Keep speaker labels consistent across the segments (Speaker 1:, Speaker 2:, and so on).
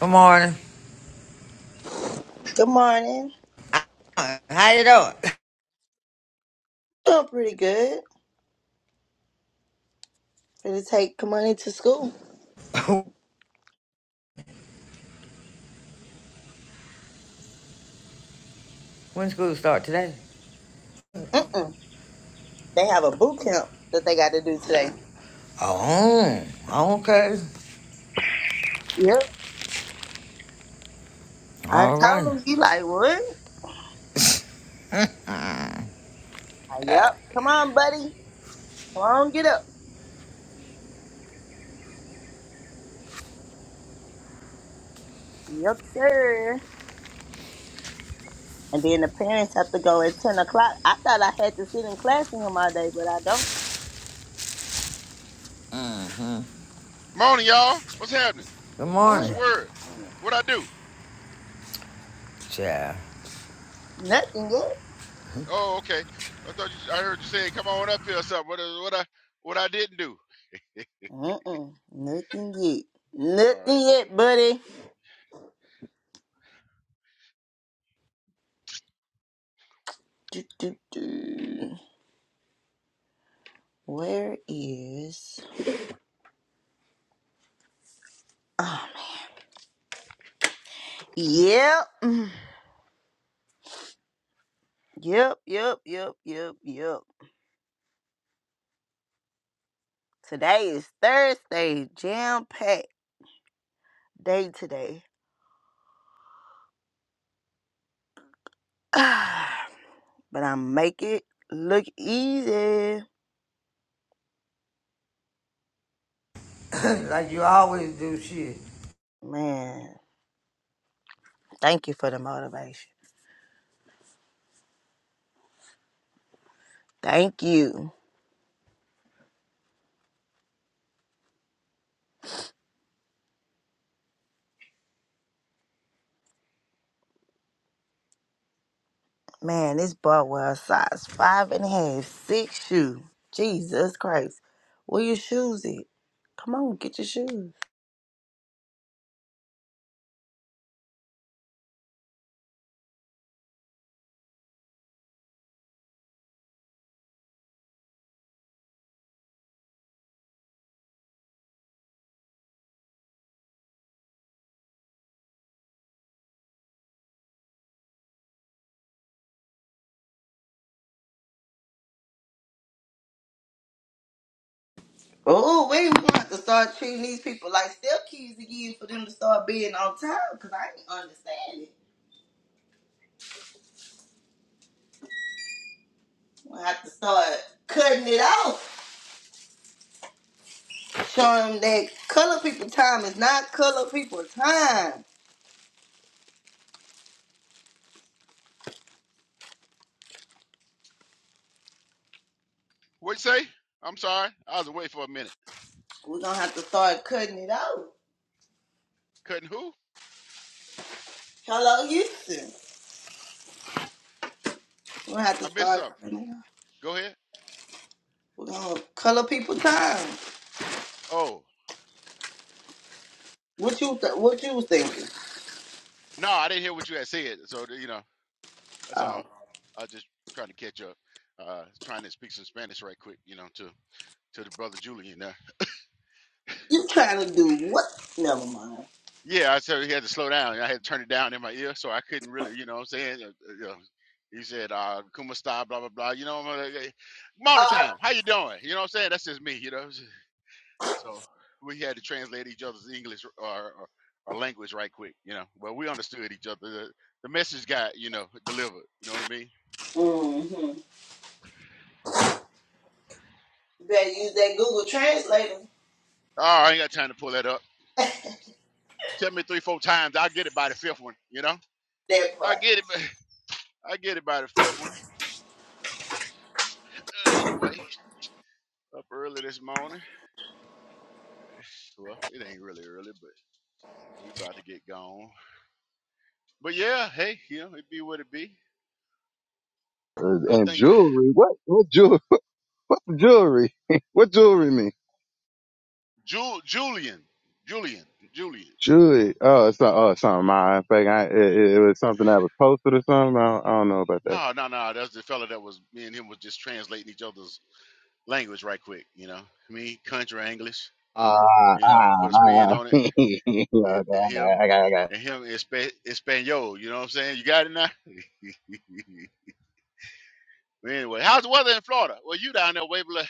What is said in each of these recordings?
Speaker 1: Good morning.
Speaker 2: Good morning.
Speaker 1: How you doing?
Speaker 2: Doing pretty good. Gonna take money to school.
Speaker 1: when school start today?
Speaker 2: Mm-mm. They have a boot camp that they got to do today.
Speaker 1: Oh, okay.
Speaker 2: Yep. I
Speaker 1: All
Speaker 2: told
Speaker 1: right.
Speaker 2: him. He like, what? I, yep. Come on, buddy. Come on, get up. Yep, sir. And then the parents have to go at 10 o'clock. I thought I had to sit in class with him all day, but I don't.
Speaker 3: Morning, y'all. What's happening?
Speaker 1: Good
Speaker 3: What's the
Speaker 1: morning.
Speaker 2: Morning.
Speaker 3: word?
Speaker 2: Morning.
Speaker 3: What I do?
Speaker 1: Yeah.
Speaker 2: Nothing yet.
Speaker 3: Oh, okay. I thought you, I heard you say, "Come on up here," or something. What, I- what I what I didn't do?
Speaker 2: Mm-mm. Nothing yet.
Speaker 3: All right.
Speaker 2: Nothing yet, buddy. Do, do, do. Where is... Yep. Yep, yep, yep, yep, yep. Today is Thursday, jam packed day today. but I make it look easy.
Speaker 1: like you always do shit.
Speaker 2: Man, thank you for the motivation. Thank you. Man, this Bartwell size five and a half, six shoe. Jesus Christ. Where your shoes at? Come on, get your shoes. Oh, wait, we're gonna have to start treating these people like step kids again for them to start being on time because I ain't understand it. We'll have to start cutting it off, showing them that color people time is not color people time.
Speaker 3: What you say? I'm sorry. I was away for a minute.
Speaker 2: We're gonna have to start cutting it off.
Speaker 3: Couldn't who?
Speaker 2: Hello, Houston. We're gonna have to
Speaker 3: I missed
Speaker 2: start
Speaker 3: something.
Speaker 2: cutting it off.
Speaker 3: Go ahead.
Speaker 2: We're gonna color people time.
Speaker 3: Oh,
Speaker 2: What you th- what you was thinking?
Speaker 3: no, I didn't hear what you had said. So you know, that's all.
Speaker 2: Oh,
Speaker 3: I was just trying to catch up. Uh, trying to speak some Spanish right quick. You know, to to the brother Julian.
Speaker 2: you trying to do what? Never mind.
Speaker 3: Yeah, I said he had to slow down. I had to turn it down in my ear, so I couldn't really, you know what I'm saying? Uh, uh, you know, he said, uh, Kuma style, blah, blah, blah. You know, I'm like, "Hey,
Speaker 2: Uh,
Speaker 3: morning time, how you doing? You know what I'm saying? That's just me, you know? So we had to translate each other's English or, or, or language right quick, you know? But we understood each other. The, the message got, you know, delivered. You know what I mean?
Speaker 2: mm-hmm. You Better use that Google Translator.
Speaker 3: Oh, I ain't got time to pull that up. Tell me three, four times. I'll get it by the fifth one, you know?
Speaker 2: That
Speaker 3: I
Speaker 2: part.
Speaker 3: get it. by- I get it by the fifth one. Uh, anyway, up early this morning. Well, it ain't really early, but we about to get gone. But yeah, hey, you know, it be what it be.
Speaker 4: Uh,
Speaker 3: I
Speaker 4: And
Speaker 3: think
Speaker 4: jewelry? What? What jewelry? jewelry? what jewelry mean?
Speaker 3: Jul- Julian, Julian, Julian.
Speaker 4: Jewelry? Oh, it's not. Oh, it's not mine. Like I, it, it it was something that was posted or something. I don't, I don't know about that.
Speaker 3: No, no, no. That's the fella that was me and him was just translating each other's language right quick. You know, me country English.
Speaker 4: Ah,
Speaker 3: You know,
Speaker 4: ah,
Speaker 3: put a spin
Speaker 4: ah.
Speaker 3: on it,
Speaker 4: Yeah, okay, I got,
Speaker 3: and and him,
Speaker 4: it, I got, it, I got. it.
Speaker 3: and him in Spa- Espanol. You know what I'm saying? You got it now. anyway, how's the weather in Florida? Well, you down there, Waverly.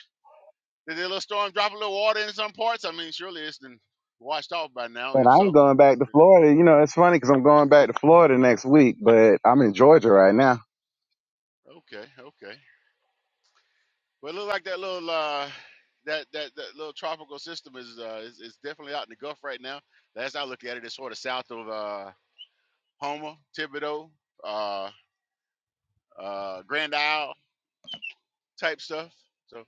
Speaker 3: Did the little storm drop a little water in some parts? I mean, surely it's been washed off by now.
Speaker 4: And
Speaker 3: If
Speaker 4: I ain't
Speaker 3: so,
Speaker 4: going back to Florida. You know, it's funny 'cause I'm going back to Florida next week, but I'm in Georgia right now.
Speaker 3: Yeah, okay, okay. But it looked like that little uh, that, that that little tropical system is, uh, is is definitely out in the Gulf right now. Last I looked at it, it's sort of south of uh, Homer, Thibodeau, uh, uh, Grand Isle type stuff. So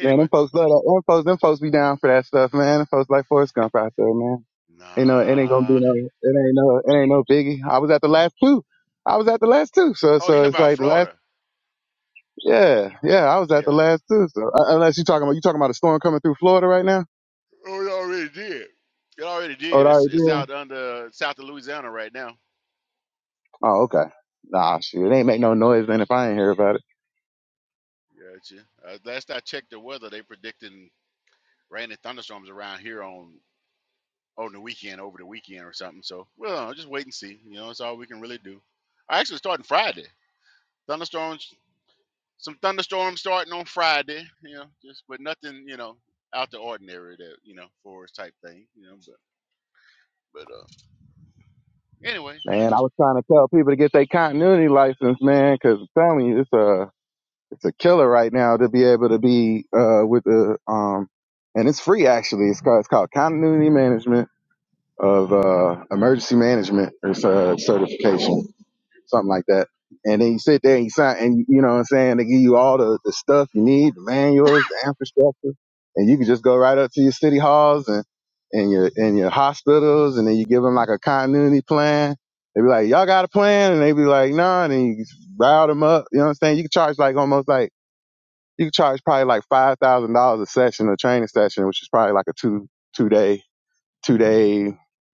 Speaker 4: Man, them folks love that. Them folks, them folks be down for that stuff, man. Them folks like Forrest Gump out there, man. You know, it ain't gonna be
Speaker 3: nah.
Speaker 4: no, it ain't no, it ain't no biggie. I was at the last two. I was at the last two. So,
Speaker 3: Oh, you talking
Speaker 4: so it's
Speaker 3: about
Speaker 4: like the last,
Speaker 3: Florida?
Speaker 4: yeah, yeah, I was at the
Speaker 3: Yeah.
Speaker 4: last two. So, uh, unless you talking about, you talking about a storm coming through Florida right now?
Speaker 3: Oh, it already did. It already
Speaker 4: Oh, it
Speaker 3: did. It's
Speaker 4: already
Speaker 3: it's
Speaker 4: did?
Speaker 3: out under south of Louisiana right now.
Speaker 4: Oh, okay. Nah, shoot, it ain't make no noise then if I ain't hear about it.
Speaker 3: Gotcha. Uh, last I checked the weather, they predicting rain and thunderstorms around here on on the weekend, over the weekend or something. So, well, I'll just wait and see. You know, it's all we can really do. I actually starting Friday. Thunderstorms, some thunderstorms starting on Friday. You know, just but nothing, you know, out the ordinary that you know forest type thing. You know, but but uh, anyway, I
Speaker 4: Man, I
Speaker 3: just
Speaker 4: was trying to tell people to get their continuity license, man, 'cause cause I'm telling you, it's a, it's a killer right now to be able to be, uh, with the, um, and it's free actually. It's called, it's called continuity management of uh, emergency management or cer- certification, something like that. And then you sit there and you sign, and you know what I'm saying? They give you all the, the stuff you need, the manuals, the infrastructure, and you can just go right up to your city halls and, and your and your hospitals, and then you give them like a continuity plan. They be like, y'all got a plan, and they be like, nah. And then you just rile them up. You know what I'm saying? You can charge like almost like you can charge probably like five thousand dollars a session, a training session, which is probably like a two two day two day,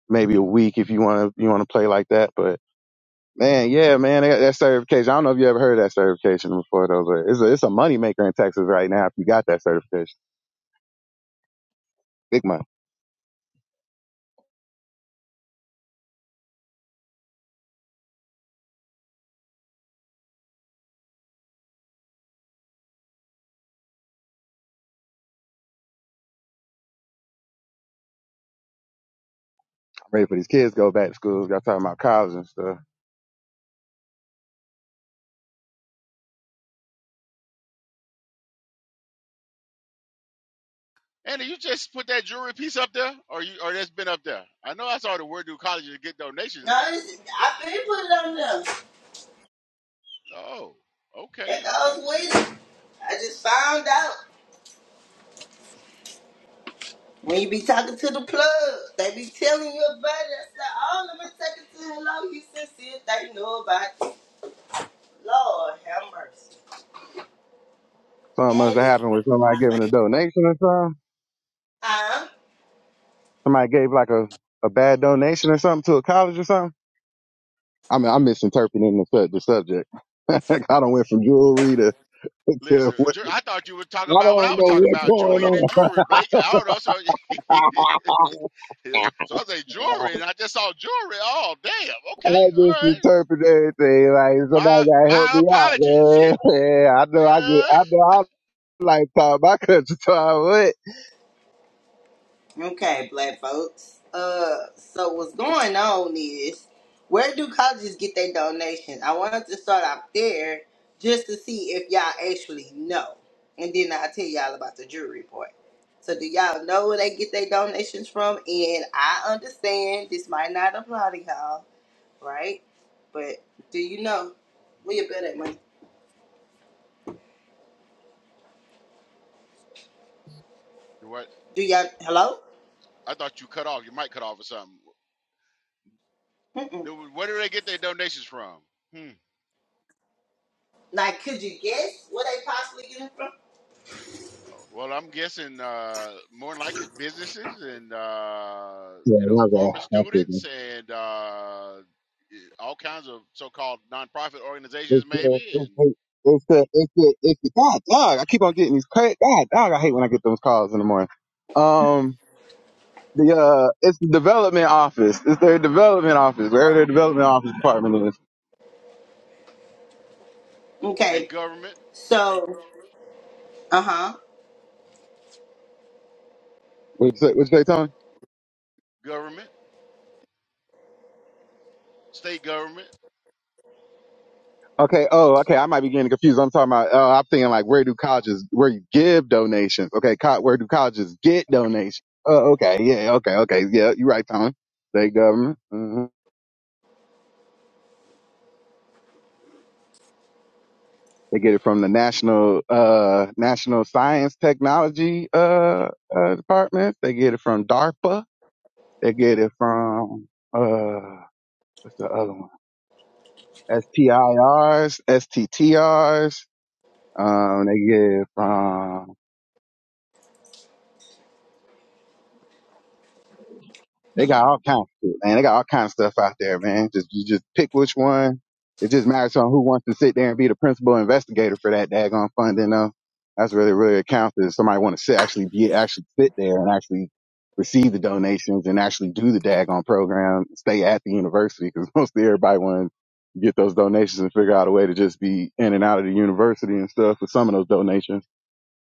Speaker 4: maybe a week if you want to you want to play like that. But man, yeah, man, they got that certification. I don't know if you ever heard of that certification before though, but it's a it's a money maker in Texas right now if you got that certification. Big money. I'm ready for these kids to go back to school. Got talking about college and stuff.
Speaker 3: Andy, you just put that jewelry piece up there, or you or that's been up there. I know I saw the Word Do College to get
Speaker 2: No,
Speaker 3: donations.
Speaker 2: it's, I've been put it on them.
Speaker 3: Oh, okay,
Speaker 2: That
Speaker 3: okay,
Speaker 2: goes with it. I just found out. When you be talking to the plug, they be telling you about it. I said, oh, let me take it to Hello Houston, see if they know about it. Lord have mercy.
Speaker 4: Something must
Speaker 2: And
Speaker 4: have
Speaker 2: it's
Speaker 4: happened with somebody
Speaker 2: my
Speaker 4: giving a donation or something.
Speaker 2: favorite.
Speaker 4: Somebody gave like a a bad donation or something to a college or something. I mean, I'm misinterpreting the, sub- the subject. I don't went from jewelry to, to
Speaker 3: Listen,
Speaker 4: what,
Speaker 3: Ju- I thought you were talking
Speaker 4: I
Speaker 3: about
Speaker 4: don't
Speaker 3: what
Speaker 4: know
Speaker 3: I was talking
Speaker 4: what's
Speaker 3: about, Julian and
Speaker 4: going
Speaker 3: jewelry, Blake. I don't know. So,
Speaker 4: on.
Speaker 3: so I say jewelry, and
Speaker 4: I
Speaker 3: I just saw jewelry. Oh, damn. Okay, all
Speaker 4: just
Speaker 3: right.
Speaker 4: interpret everything like
Speaker 3: My
Speaker 4: somebody gotta help
Speaker 3: my
Speaker 4: me out,
Speaker 3: apologies. Shit.
Speaker 4: man. Yeah, I know I get,
Speaker 3: Uh,
Speaker 4: I know I like talk my country time, what?
Speaker 2: Okay, black folks. Uh, so what's going on is, where do colleges get their donations? I wanted to start out there just to see if y'all actually know, and then I'll tell y'all about the jury report. So do y'all know where they get their donations from? And I understand this might not apply to y'all, right? But do you know where you better at money?
Speaker 3: what?
Speaker 2: Do y'all hello?
Speaker 3: I thought you cut off. You might cut off or something.
Speaker 2: Mm-mm.
Speaker 3: Then Where do they get their donations from? Hmm.
Speaker 2: Like, could you guess where they possibly get it from?
Speaker 3: Well, I'm guessing uh, more than likely businesses and uh,
Speaker 4: Yeah,
Speaker 3: you
Speaker 4: my
Speaker 3: know former
Speaker 4: God, I
Speaker 3: students
Speaker 4: figured.
Speaker 3: and uh, all kinds of so-called nonprofit organizations,
Speaker 4: It's uh,
Speaker 3: maybe,
Speaker 4: it's
Speaker 3: and.
Speaker 4: uh, it's uh, it's uh, it's uh, God, dog. I keep on getting these crazy. God, dog. I hate when I get those calls in the morning. Um, the uh, it's the development office. It's their development office. Wherever their development office department is.
Speaker 3: and
Speaker 2: Okay,
Speaker 3: government,
Speaker 2: so uh huh.
Speaker 4: What'd you say, what
Speaker 3: government, state government
Speaker 4: Okay. Oh, okay. I might be getting confused. I'm talking about. Uh, I'm thinking like, where do colleges where you give donations? Okay. Co- where do colleges get donations? Oh, okay. Yeah. Okay. Okay. Yeah. You're right, Tony. State government. hmm They get it from the national uh national science technology uh, uh department. They get it from DARPA. They get it from uh what's the other one? STIRs, STTRs. Um, they get it from They got all kinds of shit, man. They got all kinds of stuff out there, man. Just you just pick which one. It just matters on who wants to sit there and be the principal investigator for that daggone funding, though. That's really really it counts is somebody want to sit actually be actually sit there and actually receive the donations and actually do the daggone program, stay at the university because mostly everybody want to get those donations and figure out a way to just be in and out of the university and stuff with some of those donations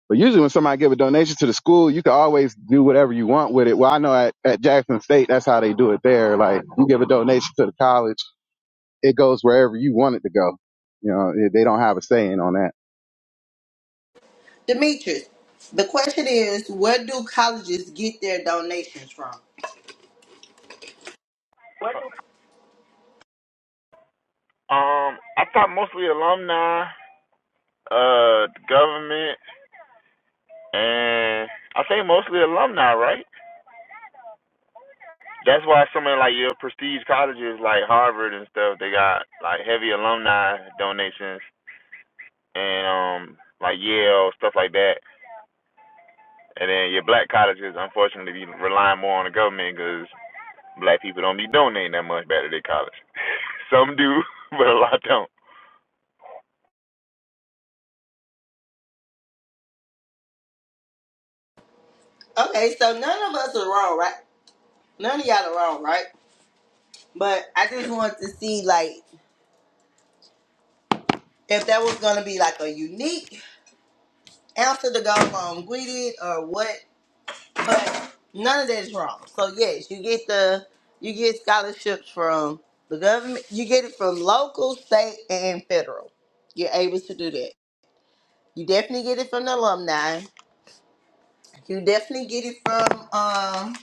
Speaker 4: but usually when somebody give a donation to the school, you can always do whatever you want with it. Well, I know at, at Jackson State, that's how they do it there. Like you give a donation to the college, it goes wherever you want it to go. You know, eh, they don't have a saying on that.
Speaker 2: Demetrius, the question is, where do colleges get their donations from?
Speaker 5: Um, I thought mostly alumni, uh, the government, and I think mostly alumni, right? That's why so many like your prestige colleges like Harvard and stuff, they got like heavy alumni donations and um like Yale stuff like that. And then your black colleges, unfortunately, be relying more on the government because black people don't be donating that much back to their college. Some do, but a lot don't.
Speaker 2: Okay, so none of us are wrong, right? None of y'all are wrong, right? But I just want to see, like, if that was gonna be like a unique answer to go from Gwydid or what. But none of that is wrong. So yes, you get the you get scholarships from the government. You get it from local, state, and federal. You're able to do that. You definitely get it from the alumni. You definitely get it from um,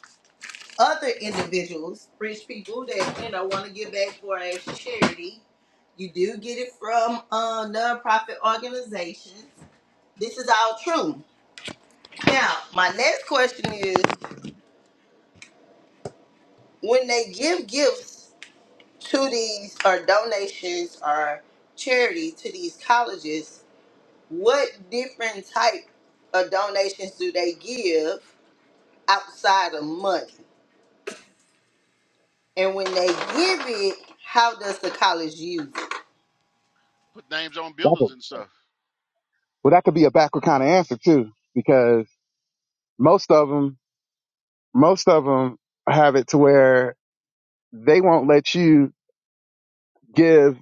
Speaker 2: other individuals, rich people that you know want to give back for a charity. You do get it from uh, nonprofit organizations. This is all true. Now, my next question is: When they give gifts to these or donations or charity to these colleges, what different type of donations do they give outside of money? And when they give it, how does the college use it?
Speaker 3: put names on
Speaker 4: That
Speaker 3: buildings
Speaker 4: could-
Speaker 3: and stuff.
Speaker 4: Well, that could be a backward kind of answer too, because most of them, most of them have it to where they won't let you give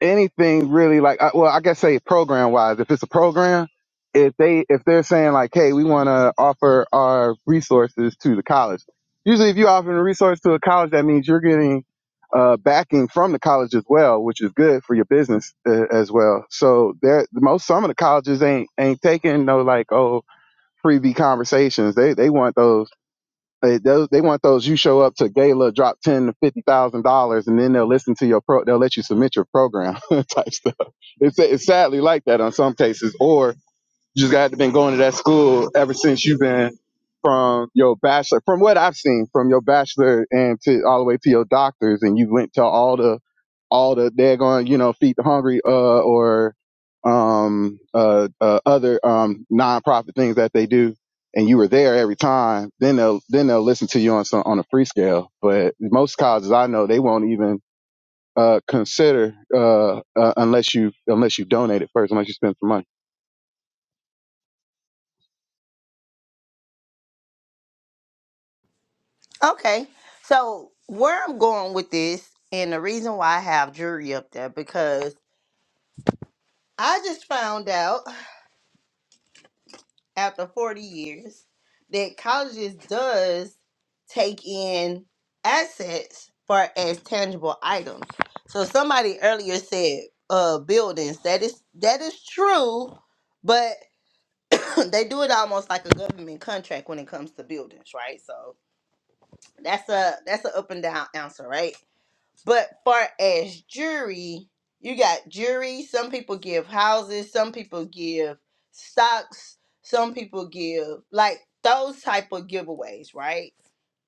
Speaker 4: anything really like I- well i guess say program wise if it's a program if they if they're saying like hey we want to offer our resources to the college usually if you offer a resource to a college that means you're getting uh, backing from the college as well which is good for your business uh, as well so there most some of the colleges ain't ain't taking no like oh freebie conversations they they want those they, those, they want those. You show up to gala, drop ten to fifty thousand dollars, and then they'll listen to your pro. They'll let you submit your program type stuff. It's it's sadly like that on some cases. Or you just got to been going to that school ever since you've been from your bachelor, from what I've seen, from your bachelor and to all the way to your doctors, and you went to all the all the they're going, you know, feed the hungry, uh, or um, uh, uh, other um nonprofit things that they do, and you were there every time. Then they'll then they'll listen to you on some on a free scale. But most colleges I know they won't even uh consider uh, uh unless you unless you donate it first, unless you spend some money.
Speaker 2: Okay. So where I'm going with this, and the reason why I have jury up there, because I just found out after 40 years that colleges does take in assets far as tangible items. So somebody earlier said uh buildings. That is that is true, but they do it almost like a government contract when it comes to buildings, right? So That's a that's an up and down answer, right? But far as jury, you got jury. Some people give houses. Some people give stocks. Some people give like those type of giveaways, right?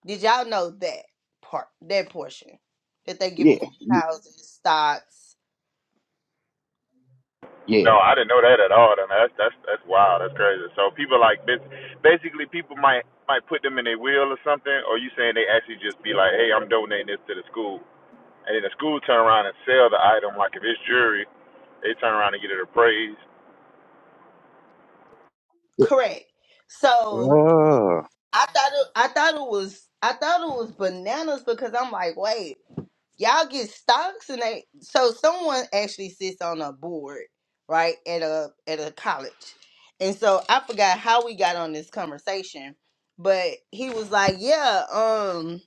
Speaker 2: Did y'all know that part, that portion, that they give
Speaker 4: Yeah,
Speaker 2: away houses, stocks?
Speaker 4: yeah.
Speaker 5: No, I didn't know that at all. Then that's that's that's wild. That's crazy. So people like bas- basically people might might put them in their will or something. Or you saying they actually just be like, hey, I'm donating this to the school, and then the school turn around and sell the item. Like if it's jewelry, they turn around and get it appraised.
Speaker 2: Correct. So
Speaker 4: Oh,
Speaker 2: I thought it, I thought it was I thought it was bananas because I'm like, wait. y'all get stocks and they so someone actually sits on a board right at a at a college and so i forgot how we got on this conversation but he was like yeah um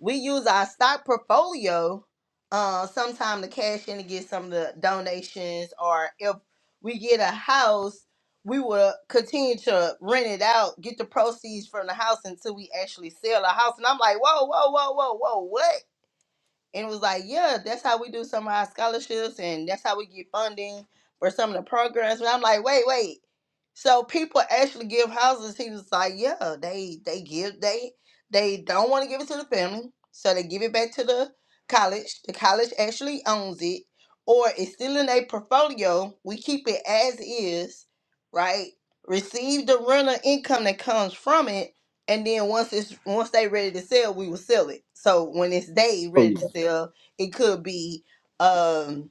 Speaker 2: we use our stock portfolio uh sometime to cash in to get some of the donations or if we get a house we will continue to rent it out get the proceeds from the house until we actually sell a house and i'm like whoa whoa whoa whoa whoa what and it was like, yeah, that's how we do some of our scholarships, and that's how we get funding for some of the programs. And I'm like, wait, wait. So people actually give houses. He was like, yeah, they they give they they don't want to give it to the family, so they give it back to the college. The college actually owns it, or it's still in a portfolio. We keep it as is, right? Receive the rental income that comes from it, and then once it's once they ready to sell, we will sell it. So when it's they
Speaker 4: oh
Speaker 2: ready to
Speaker 4: yeah,
Speaker 2: sell, it could be um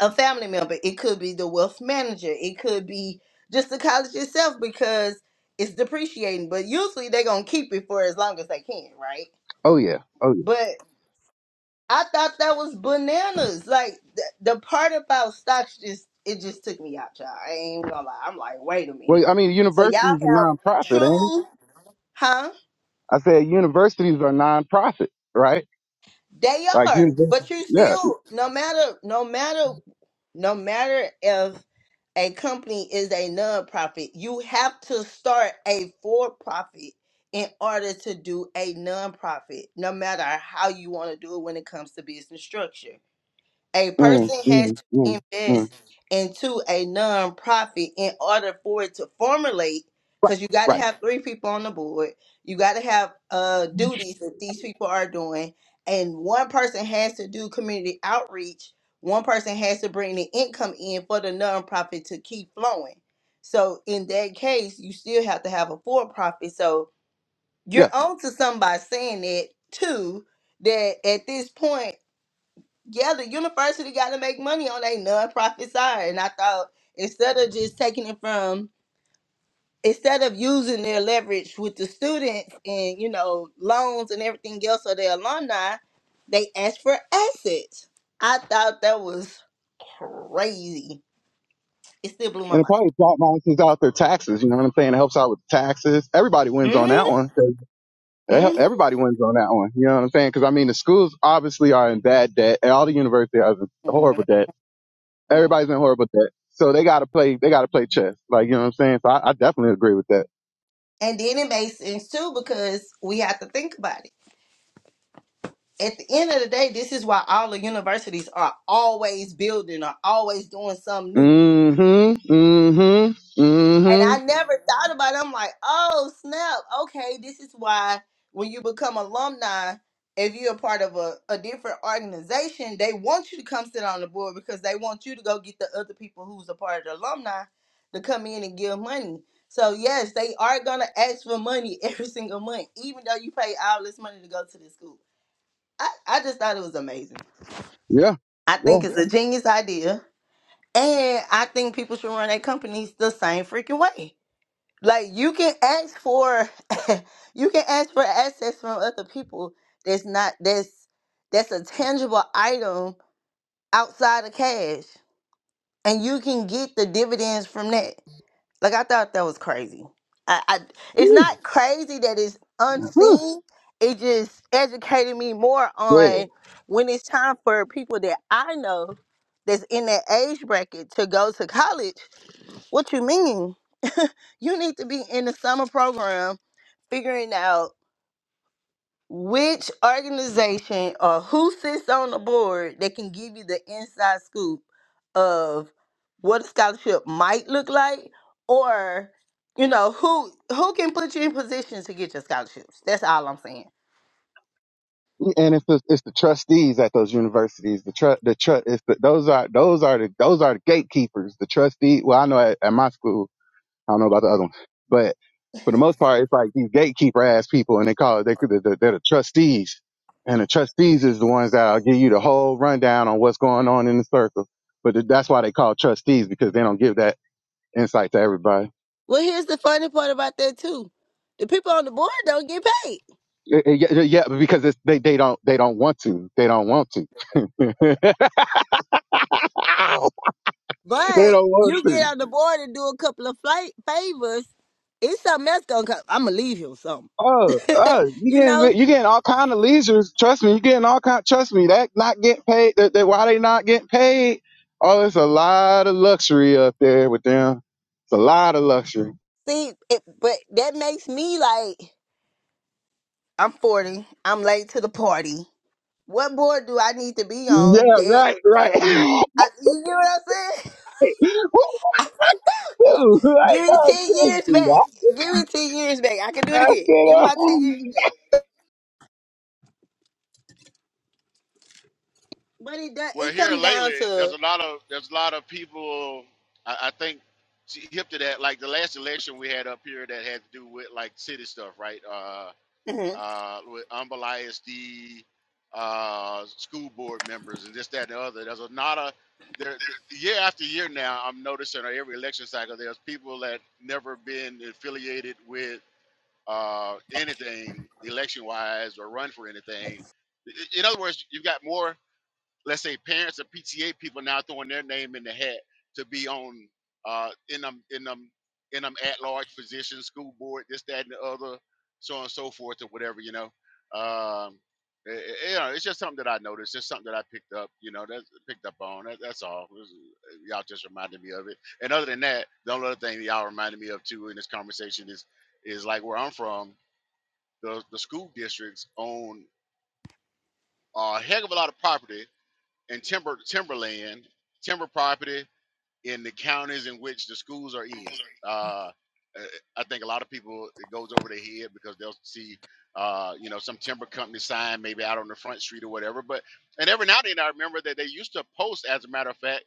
Speaker 2: a family member, it could be the wealth manager, it could be just the college itself because it's depreciating. But usually they're gonna keep it for as long as they can, right?
Speaker 4: oh yeah, oh yeah.
Speaker 2: But I thought that was bananas. Like th- the part about stocks just it just took me out, y'all. I ain't gonna lie. I'm like, wait a minute.
Speaker 4: Well, I mean,
Speaker 2: So y'all
Speaker 4: universities are
Speaker 2: have
Speaker 4: non-profit, ain't it?
Speaker 2: true, huh?
Speaker 4: I said universities are non-profit, right?
Speaker 2: They
Speaker 4: Like
Speaker 2: are,
Speaker 4: universities,
Speaker 2: but you
Speaker 4: yeah.
Speaker 2: still, no matter, no matter, no matter if a company is a nonprofit, you have to start a for-profit in order to do a nonprofit, no matter how you want to do it when it comes to business structure a
Speaker 4: Mm,
Speaker 2: person has
Speaker 4: mm, mm,
Speaker 2: to
Speaker 4: mm.
Speaker 2: invest into a nonprofit in order for it to formulate because you got to
Speaker 4: Right,
Speaker 2: have three people on the board you got to have uh duties that these people are doing and one person has to do community outreach one person has to bring the income in for the nonprofit to keep flowing so in that case you still have to have a for-profit so you're
Speaker 4: yeah.
Speaker 2: on to somebody saying that too that at this point yeah, the university got to make money on a nonprofit side. And I thought instead of just taking it from, instead of using their leverage with the students and, you know, loans and everything else of their alumni, they asked for assets. I thought that was crazy. It still blew my
Speaker 4: And it
Speaker 2: mind.
Speaker 4: probably flat balances out their taxes. You know what I'm saying? It helps out with taxes. Everybody wins on that
Speaker 2: Mhm.
Speaker 4: one. Eh,
Speaker 2: Mhm.
Speaker 4: Everybody wins on that one. You know what I'm saying? Because I mean, the schools obviously are in bad debt. and All the universities are in horrible
Speaker 2: Mhm.
Speaker 4: debt. Everybody's in horrible debt. So they gotta play. They gotta play chess. Like you know what I'm saying. So I, I definitely agree with that.
Speaker 2: And then it makes sense too because we have to think about it. At the end of the day, this is why all the universities are always building, are always doing something new
Speaker 4: Mm-hmm. Mm-hmm.
Speaker 2: And
Speaker 4: Mm-hmm.
Speaker 2: I never thought about it. I'm like, oh, snap. Okay, this is why when you become alumni, if you're a part of a, a different organization, they want you to come sit on the board because they want you to go get the other people who's a part of the alumni to come in and give money. So, yes, they are going to ask for money every single month, even though you pay all this money to go to the school. I, I just thought it was amazing.
Speaker 4: Yeah.
Speaker 2: I
Speaker 4: Yeah.
Speaker 2: think it's a genius idea. And I think people should run their companies the same freaking way like you can ask for you can ask for access from other people that's not that's that's a tangible item outside of cash and you can get the dividends from that like i thought that was crazy i, I it's
Speaker 4: Whew,
Speaker 2: not crazy that it's
Speaker 4: whew,
Speaker 2: unseen it just educated me more
Speaker 4: Yeah.
Speaker 2: on when it's time for people that i know that's in that age bracket to go to college what you mean you need to be in the summer program figuring out which organization or who sits on the board that can give you the inside scoop of what a scholarship might look like or you know who who can put you in position to get your scholarships that's all i'm saying
Speaker 4: And it's the, it's the trustees at those universities. The tru the tru it's the, those are those are the those are the gatekeepers. The trustee. Well, I know at, at my school, I don't know about the other one, but for the most part, it's like these gatekeeper ass people, and they call it they they're, the- they're the trustees, and the trustees is the ones that'll give you the whole rundown on what's going on in the circle. But th- that's why they call trustees because they don't give that insight to everybody.
Speaker 2: well here's the funny part about that too the people on the board don't get paid
Speaker 4: Eh, eh, Yeah, yeah, yeah, because it's, they they don't they don't want to. They don't want to. Ow! They
Speaker 2: but
Speaker 4: don't want
Speaker 2: you get
Speaker 4: to.
Speaker 2: on the board and do a couple of flight favors it's something else gonna come i'm gonna leave you with something
Speaker 4: Oh, oh, you
Speaker 2: you know,
Speaker 4: getting you getting all kind of leisures. Trust me, you getting all kind. Trust me, that not getting paid. That, that why they not getting paid? Oh, it's a lot of luxury up there with them. It's a lot of luxury.
Speaker 2: see, it, but that makes me like, I'm 40, I'm late to the party. What board do I need to be
Speaker 4: Yeah,
Speaker 2: on that?
Speaker 4: right, right. what
Speaker 2: I, you get what
Speaker 4: you
Speaker 2: I'm saying?
Speaker 4: do? Right,
Speaker 2: Give me
Speaker 4: no,
Speaker 2: 10
Speaker 4: thank
Speaker 2: years
Speaker 4: you.
Speaker 2: back.
Speaker 4: I-
Speaker 2: Give me 10 years back. I can do
Speaker 4: I
Speaker 2: it again.
Speaker 4: said,
Speaker 2: Give me
Speaker 4: uh,
Speaker 2: my 10 years back. But it does,
Speaker 3: Well,
Speaker 2: it
Speaker 3: here
Speaker 2: come
Speaker 3: lately,
Speaker 2: down
Speaker 3: there's
Speaker 2: to,
Speaker 3: a lot of there's a lot of people. I, I think hip to that. Like the last election we had up here that had to do with like city stuff, right? Uh,
Speaker 2: mhm.
Speaker 3: uh, with Humble ISD, uh, school board members, and this, that, and the other. There's a lot of there year after year now. I'm noticing on every election cycle, there's people that never been affiliated with uh, anything election wise or run for anything. I- In other words, you've got more, let's say, parents or PTA people now throwing their name in the hat to be on uh, in them in them in them at large positions, school board, this, that, and the other, so on and so forth, or whatever, you know. Um, i- i- you know, it's just something that I noticed. Just something that I picked up. You know, that's picked up on. That, that's all. It was- y'all just reminded me of it. And other than that, the only other thing y'all reminded me of too in this conversation is is like where I'm from the, the school districts own a heck of a lot of property and timber timberland, timber property in the counties in which the schools are in. Uh, uh, I think a lot of people it goes over their head because they'll see, uh, you know, some timber company sign maybe out on the front street or whatever. But and every now and then I remember that they used to post, as a matter of fact,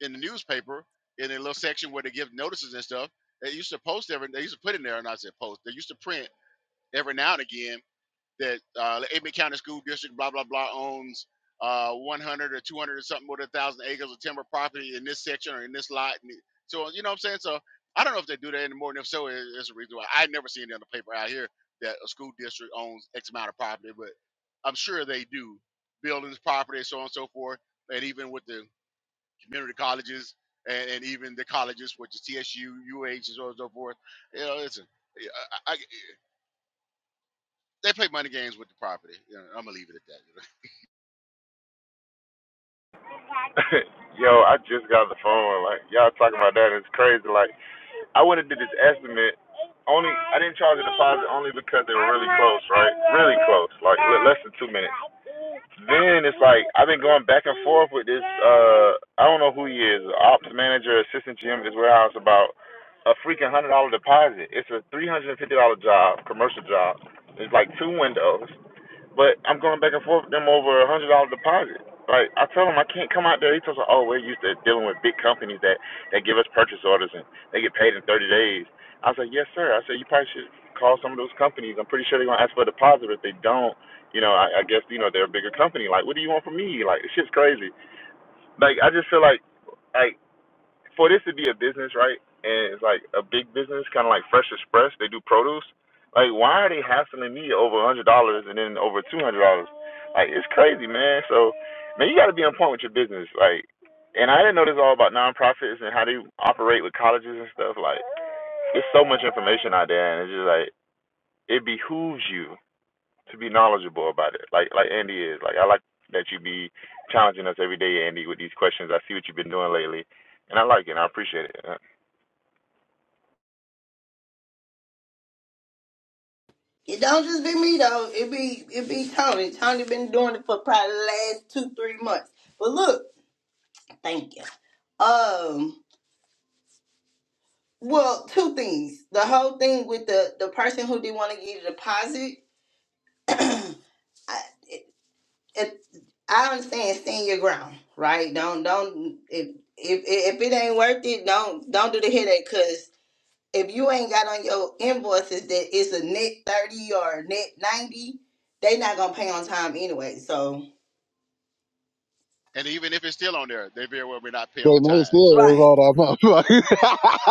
Speaker 3: in the newspaper in a little section where they give notices and stuff. They used to post every. They used to put in there, and I said post. They used to print every now and again that uh, the Aitman County School District, blah, blah, blah, owns uh, 100 or 200 or something more than 1,000 acres of timber property in this section or in this lot. And so, you know what I'm saying? So, I don't know if they do that anymore. And if so, it's a reason why I never seen it on the paper out here that a school district owns X amount of property, but I'm sure they do. Buildings, property, so on and so forth. And even with the community colleges and, and even the colleges, which is TSU, UH, and so on and so forth. You know, listen, yeah, I, I, they play money games with the property. You know, I'm gonna leave it at that. You know?
Speaker 5: Yo, I just got the phone. Like y'all talking about that, it's crazy. Like I went and did this estimate. Only I didn't charge a deposit only because they were really close, right? Really close, like le- less than two minutes. then it's like I've been going back and forth with this. Uh, I don't know who he is, ops manager, assistant GM at this warehouse about a freaking hundred dollar deposit. It's a three hundred and fifty dollar job, commercial job. It's like two windows. But I'm going back and forth with them over a hundred dollar deposit. Like I tell them I can't come out there. He tells me, oh, we're used to dealing with big companies that that give us purchase orders and they get paid in 30 days. I said, yes, sir. I said you probably should call some of those companies. I'm pretty sure they're gonna ask for a deposit. If they don't, you know, I, I guess you know they're a bigger company. Like, what do you want from me? Like, this shit's crazy. Like, I just feel like. like for this to be a business, right? And it's like a big business, kind of like Fresh Express. They do produce. Like, why are they hassling me over a hundred dollars and then over two hundred dollars? Like, it's crazy, man. So, man, you got to be on point with your business. Like, and I didn't know this all about nonprofits and how they operate with colleges and stuff. Like, there's so much information out there, and it's just like it behooves you to be knowledgeable about it. Like, like Andy is. Like, I like that you be challenging us every day, Andy, with these questions. I see what you've been doing lately and I like it. and I appreciate it.
Speaker 2: it don't just be me though. It be, it be Tony. Tony been doing it for probably the last two, three months. But look, thank you. Um, Well, two things. The whole thing with the the person who didn't want to get a deposit, I, it, I understand stand your ground, right? Don't don't if if if it ain't worth it, don't don't do the headache because if you ain't got on your invoices that it's a net thirty or a net ninety, they not gonna pay on time anyway. So
Speaker 3: And even if it's still on there, they very well may not pay
Speaker 4: They
Speaker 3: on
Speaker 4: may
Speaker 3: time.
Speaker 4: still
Speaker 3: So
Speaker 4: owe
Speaker 2: right,
Speaker 4: all that motherfucker.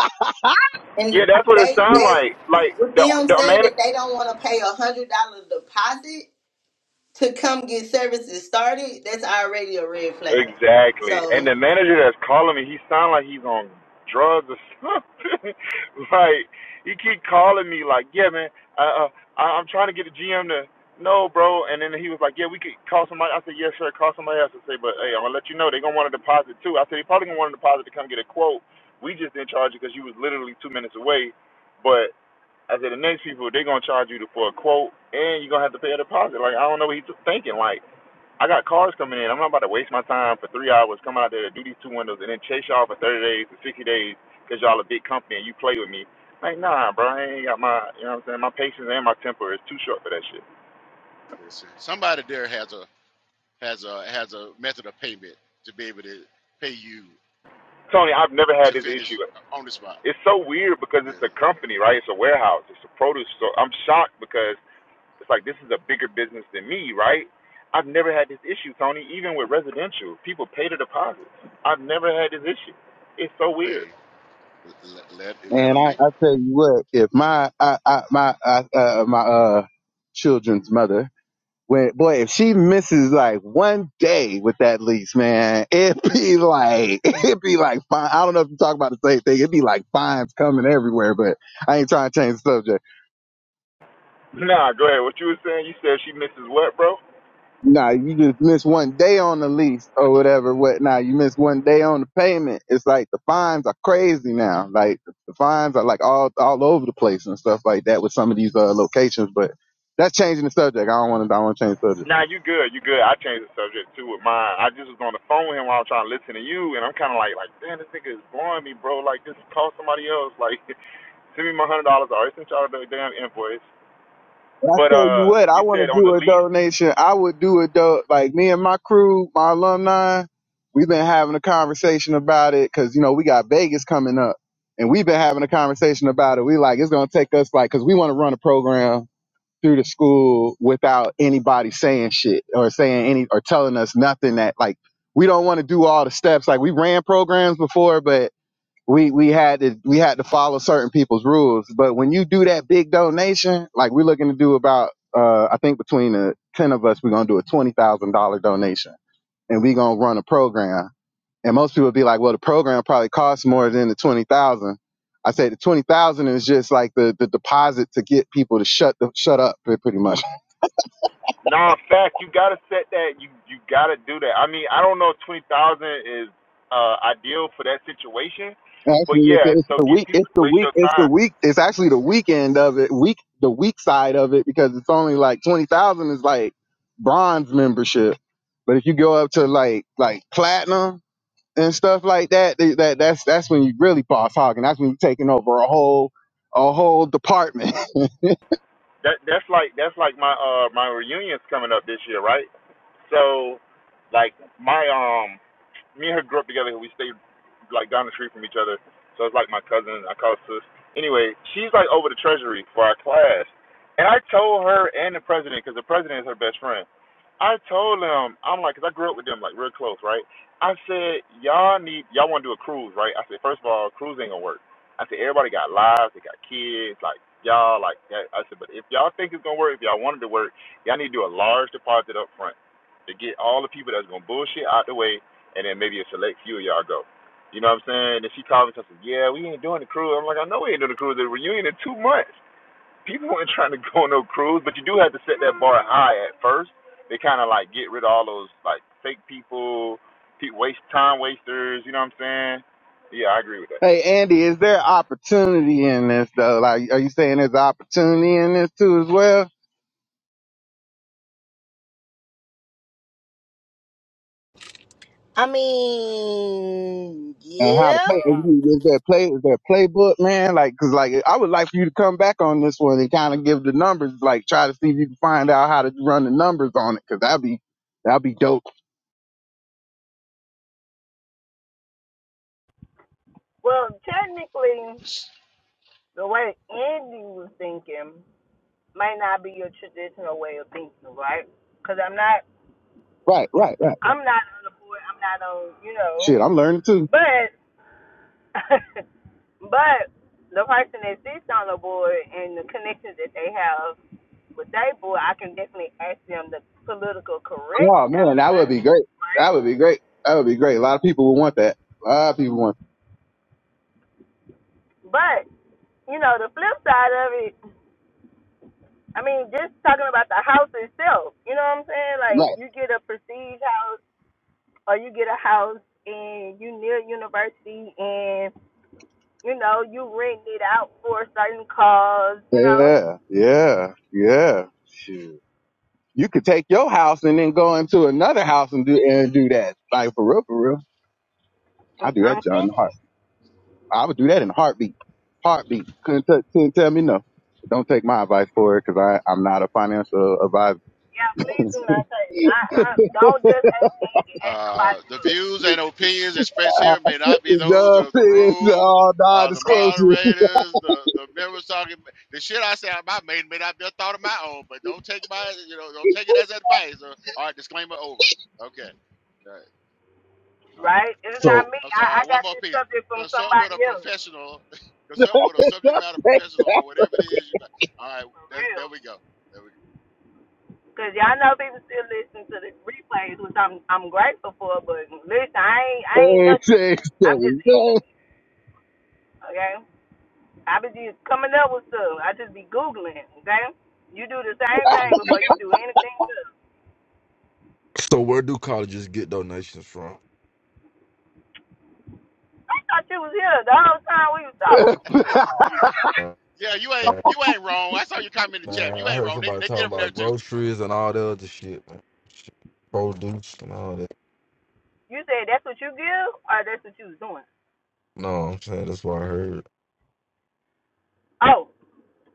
Speaker 5: Yeah,
Speaker 2: and
Speaker 5: that's what it
Speaker 2: they
Speaker 5: sounds
Speaker 2: they
Speaker 5: like. Like
Speaker 2: with
Speaker 5: the
Speaker 2: them
Speaker 5: the
Speaker 2: saying
Speaker 5: man
Speaker 2: that they don't want to pay a hundred dollar deposit. to come get services started, that's already a red flag.
Speaker 5: exactly, and
Speaker 2: So
Speaker 5: the manager that's calling me, he sound like he's on drugs or something. like he keep calling me, like, yeah, man, uh, uh, I- I'm trying to get the GM to no, bro. And then he was like, yeah, we could call somebody. I said, yeah, sure, call somebody else and say, but hey, I'm gonna let you know they gonna want a deposit too. I said they probably gonna want a deposit to come get a quote. We just didn't charge you because you was literally two minutes away, but. I said the next people they're gonna charge you for a quote and you're gonna have to pay a deposit. Like I don't know what he's thinking. Like I got cars coming in. I'm not about to waste my time for three hours coming out there to do these two windows and then chase y'all for 30 days or 60 days because y'all a big company and you play with me. Like nah, bro. I ain't got my you know what I'm saying. My patience and my temper is too short for that shit.
Speaker 3: listen, somebody there has a has a has a method of payment to be able to pay you
Speaker 5: Tony, I've never
Speaker 3: to
Speaker 5: had this
Speaker 3: finish
Speaker 5: issue.
Speaker 3: on the spot.
Speaker 5: It's so weird because
Speaker 3: Yeah.
Speaker 5: it's a company, right? It's a warehouse. It's a produce store. I'm shocked because It's like this is a bigger business than me, right? I've never had this issue, Tony. Even with residential, people pay the deposits. I've never had this issue. It's so
Speaker 3: Well,
Speaker 5: weird.
Speaker 3: hey, let let, let
Speaker 4: Man,
Speaker 3: them
Speaker 4: I,
Speaker 3: be.
Speaker 4: I tell you what, if my I, I, my I, uh, my uh children's mother, when boy, if she misses like one day with that lease, man, it'd be like it'd be like fine. I don't know if you talk about the same thing. It'd be like fines coming everywhere, but I ain't trying to change the subject.
Speaker 5: Nah, go ahead. What you were saying? You said she misses what, bro?
Speaker 4: Nah, you just miss one day on the lease or whatever. What now? You miss one day on the payment. It's like the fines are crazy now. Like the fines are like all all over the place and stuff like that with some of these uh, locations. But that's changing the subject. I don't want to. I want to change the subject.
Speaker 5: Nah, you good. You good. I changed the subject too with mine. I just was on the phone with him while I was trying to listen to you, and I'm kind of like, like, damn, this nigga is blowing me, bro. Like, just call somebody else. Like, send me my one hundred dollars. I already sent y'all the damn invoice.
Speaker 4: But I
Speaker 5: But
Speaker 4: tell you
Speaker 5: uh,
Speaker 4: what, I
Speaker 5: you
Speaker 4: want
Speaker 5: said
Speaker 4: to
Speaker 5: on the
Speaker 4: do a
Speaker 5: lease,
Speaker 4: donation. I would do a do like me and my crew, my alumni. We've been having a conversation about it because you know we got Vegas coming up and we've been having a conversation about it. We like it's gonna take us like because we want to run a program through the school without anybody saying shit or saying any or telling us nothing that like we don't want to do all the steps like we ran programs before but we we had to we had to follow certain people's rules but when you do that big donation like we're looking to do about uh i think between the 10 of us we're going to do a $20,000 donation and we're going to run a program and most people be like well the program probably costs more than the 20,000 I say the twenty thousand is just like the, the deposit to get people to shut the, shut up pretty much
Speaker 5: No, in fact, you gotta set that. You you gotta do that. I mean, I don't know if twenty thousand is uh ideal for that situation, but
Speaker 4: Actually, it's,
Speaker 5: yeah.
Speaker 4: it's
Speaker 5: So
Speaker 4: the
Speaker 5: getting
Speaker 4: week.
Speaker 5: people
Speaker 4: It's
Speaker 5: to
Speaker 4: the
Speaker 5: waste
Speaker 4: week.
Speaker 5: your
Speaker 4: It's
Speaker 5: time.
Speaker 4: the week. It's actually the weekend of it. Week the week side of it because it's only like twenty thousand is like bronze membership, but if you go up to like like platinum and stuff like that, they, that that's that's when you really boss hogging. That's when you're taking over a whole a whole department.
Speaker 5: That that's like that's like my uh my reunions coming up this year, right? So, like my um me and her grew up together. We stayed like down the street from each other, so it's like my cousin. I call her sis. Anyway, she's like over the treasury for our class, and I told her and the president because the president is her best friend. I told them, I'm like, 'cause I grew up with them, like real close, right? I said, y'all need, y'all want to do a cruise, right? I said, first of all, cruise ain't gonna work. I said, everybody got lives, they got kids, like y'all, like that. I said, but if y'all think it's gonna work, if y'all wanted to work, y'all need to do a large deposit up front to get all the people that's gonna bullshit out the way and then maybe a select few of y'all go. You know what I'm saying? And she called me and said, Yeah, we ain't doing the cruise. I'm like, I know we ain't doing the cruise. The reunion in two months. People ain't trying to go on no cruise, but you do have to set that bar high at first. They kind of like get rid of all those like fake people, pe waste time wasters. You know what I'm saying? Yeah, I agree with that.
Speaker 4: hey, Andy, is there opportunity in this though? Like, are you saying there's opportunity in this too as well?
Speaker 2: I mean,
Speaker 4: and how to
Speaker 2: yeah.
Speaker 4: play. Is, you- is there play? Is there playbook, man? Like, cause like I would like for you to come back on this one and kind of give the numbers, like try to see if you can find out how to run the numbers on it, cause that'd be that'd be dope.
Speaker 2: Well, technically, the way Andy was thinking might not be your traditional way of thinking, right? Because I'm not,
Speaker 4: Right, right, right.
Speaker 2: I'm not on the board. I'm not on, you know.
Speaker 4: Shit, I'm learning too.
Speaker 2: But, but the person that sits on the board and the connections that they have with their board, I can definitely ask them the political correct
Speaker 4: Oh man, that would
Speaker 2: answer.
Speaker 4: be great.
Speaker 2: right?
Speaker 4: That would be great. That would be great. A lot of people would want that. A lot of people want.
Speaker 2: But you know, the flip side of it, I mean, just talking about the house itself. You know what I'm saying? Like
Speaker 4: Right.
Speaker 2: you get a prestige house, or you get a house and you near university, and you know you rent it out for a certain cause. You know,
Speaker 4: Yeah, yeah, yeah. Shit. You could take your house and then go into another house and do and do that. Like for real, for real. I
Speaker 2: I'm,
Speaker 4: do
Speaker 2: I'm
Speaker 4: that, John. I would do that in a heartbeat. Heartbeat. Couldn't, t- couldn't tell me no. Don't take my advice for it because I I'm not a financial advisor.
Speaker 2: yeah. Please do not say I, I don't just ask Andy, ask
Speaker 3: Uh,
Speaker 2: somebody
Speaker 3: the
Speaker 2: else.
Speaker 3: views and opinions expressed here may not be those
Speaker 4: no,
Speaker 3: of the
Speaker 4: it's
Speaker 3: room,
Speaker 4: all
Speaker 3: uh, the
Speaker 4: non-disclosure.
Speaker 3: moderators, the, the members talking. The shit I say out my may may not be a thought of my own, but don't take my you know don't take it as advice. Or, all right, disclaimer over. Okay,
Speaker 2: Right? It's
Speaker 6: So,
Speaker 2: not me.
Speaker 3: I'm sorry,
Speaker 2: I, I
Speaker 3: one
Speaker 2: got
Speaker 3: more
Speaker 2: this
Speaker 3: piece.
Speaker 2: subject from
Speaker 3: Consult with
Speaker 2: somebody
Speaker 3: a
Speaker 2: else.
Speaker 3: professional. Consult with a subject matter professional on whatever it is you. got. All right,
Speaker 2: For
Speaker 3: there,
Speaker 2: real.
Speaker 3: there we go. There we go.
Speaker 2: Cause y'all know people still listen to the replays, which I'm I'm grateful for. But listen, I ain't I ain't
Speaker 4: Hey,
Speaker 2: nothing.
Speaker 4: hey, hey.
Speaker 2: I'm just eating.
Speaker 4: hey.
Speaker 2: Okay, I be just coming up with stuff. I just be googling. Okay, you do the same thing before you do anything else.
Speaker 6: so where do colleges get donations from?
Speaker 2: I thought you was here the whole time we was talking.
Speaker 6: Man,
Speaker 3: Yeah, you ain't you ain't wrong. I saw your comment in the chat. You
Speaker 6: I
Speaker 3: ain't
Speaker 6: heard
Speaker 3: wrong. They
Speaker 6: somebody
Speaker 3: they
Speaker 6: talking
Speaker 3: get him there
Speaker 6: about
Speaker 3: too.
Speaker 6: groceries and all the other shit, man. Shit, Produce and all that.
Speaker 2: You said that's what you give, or that's what you was doing.
Speaker 6: No, I'm saying that's what I heard.
Speaker 2: Oh,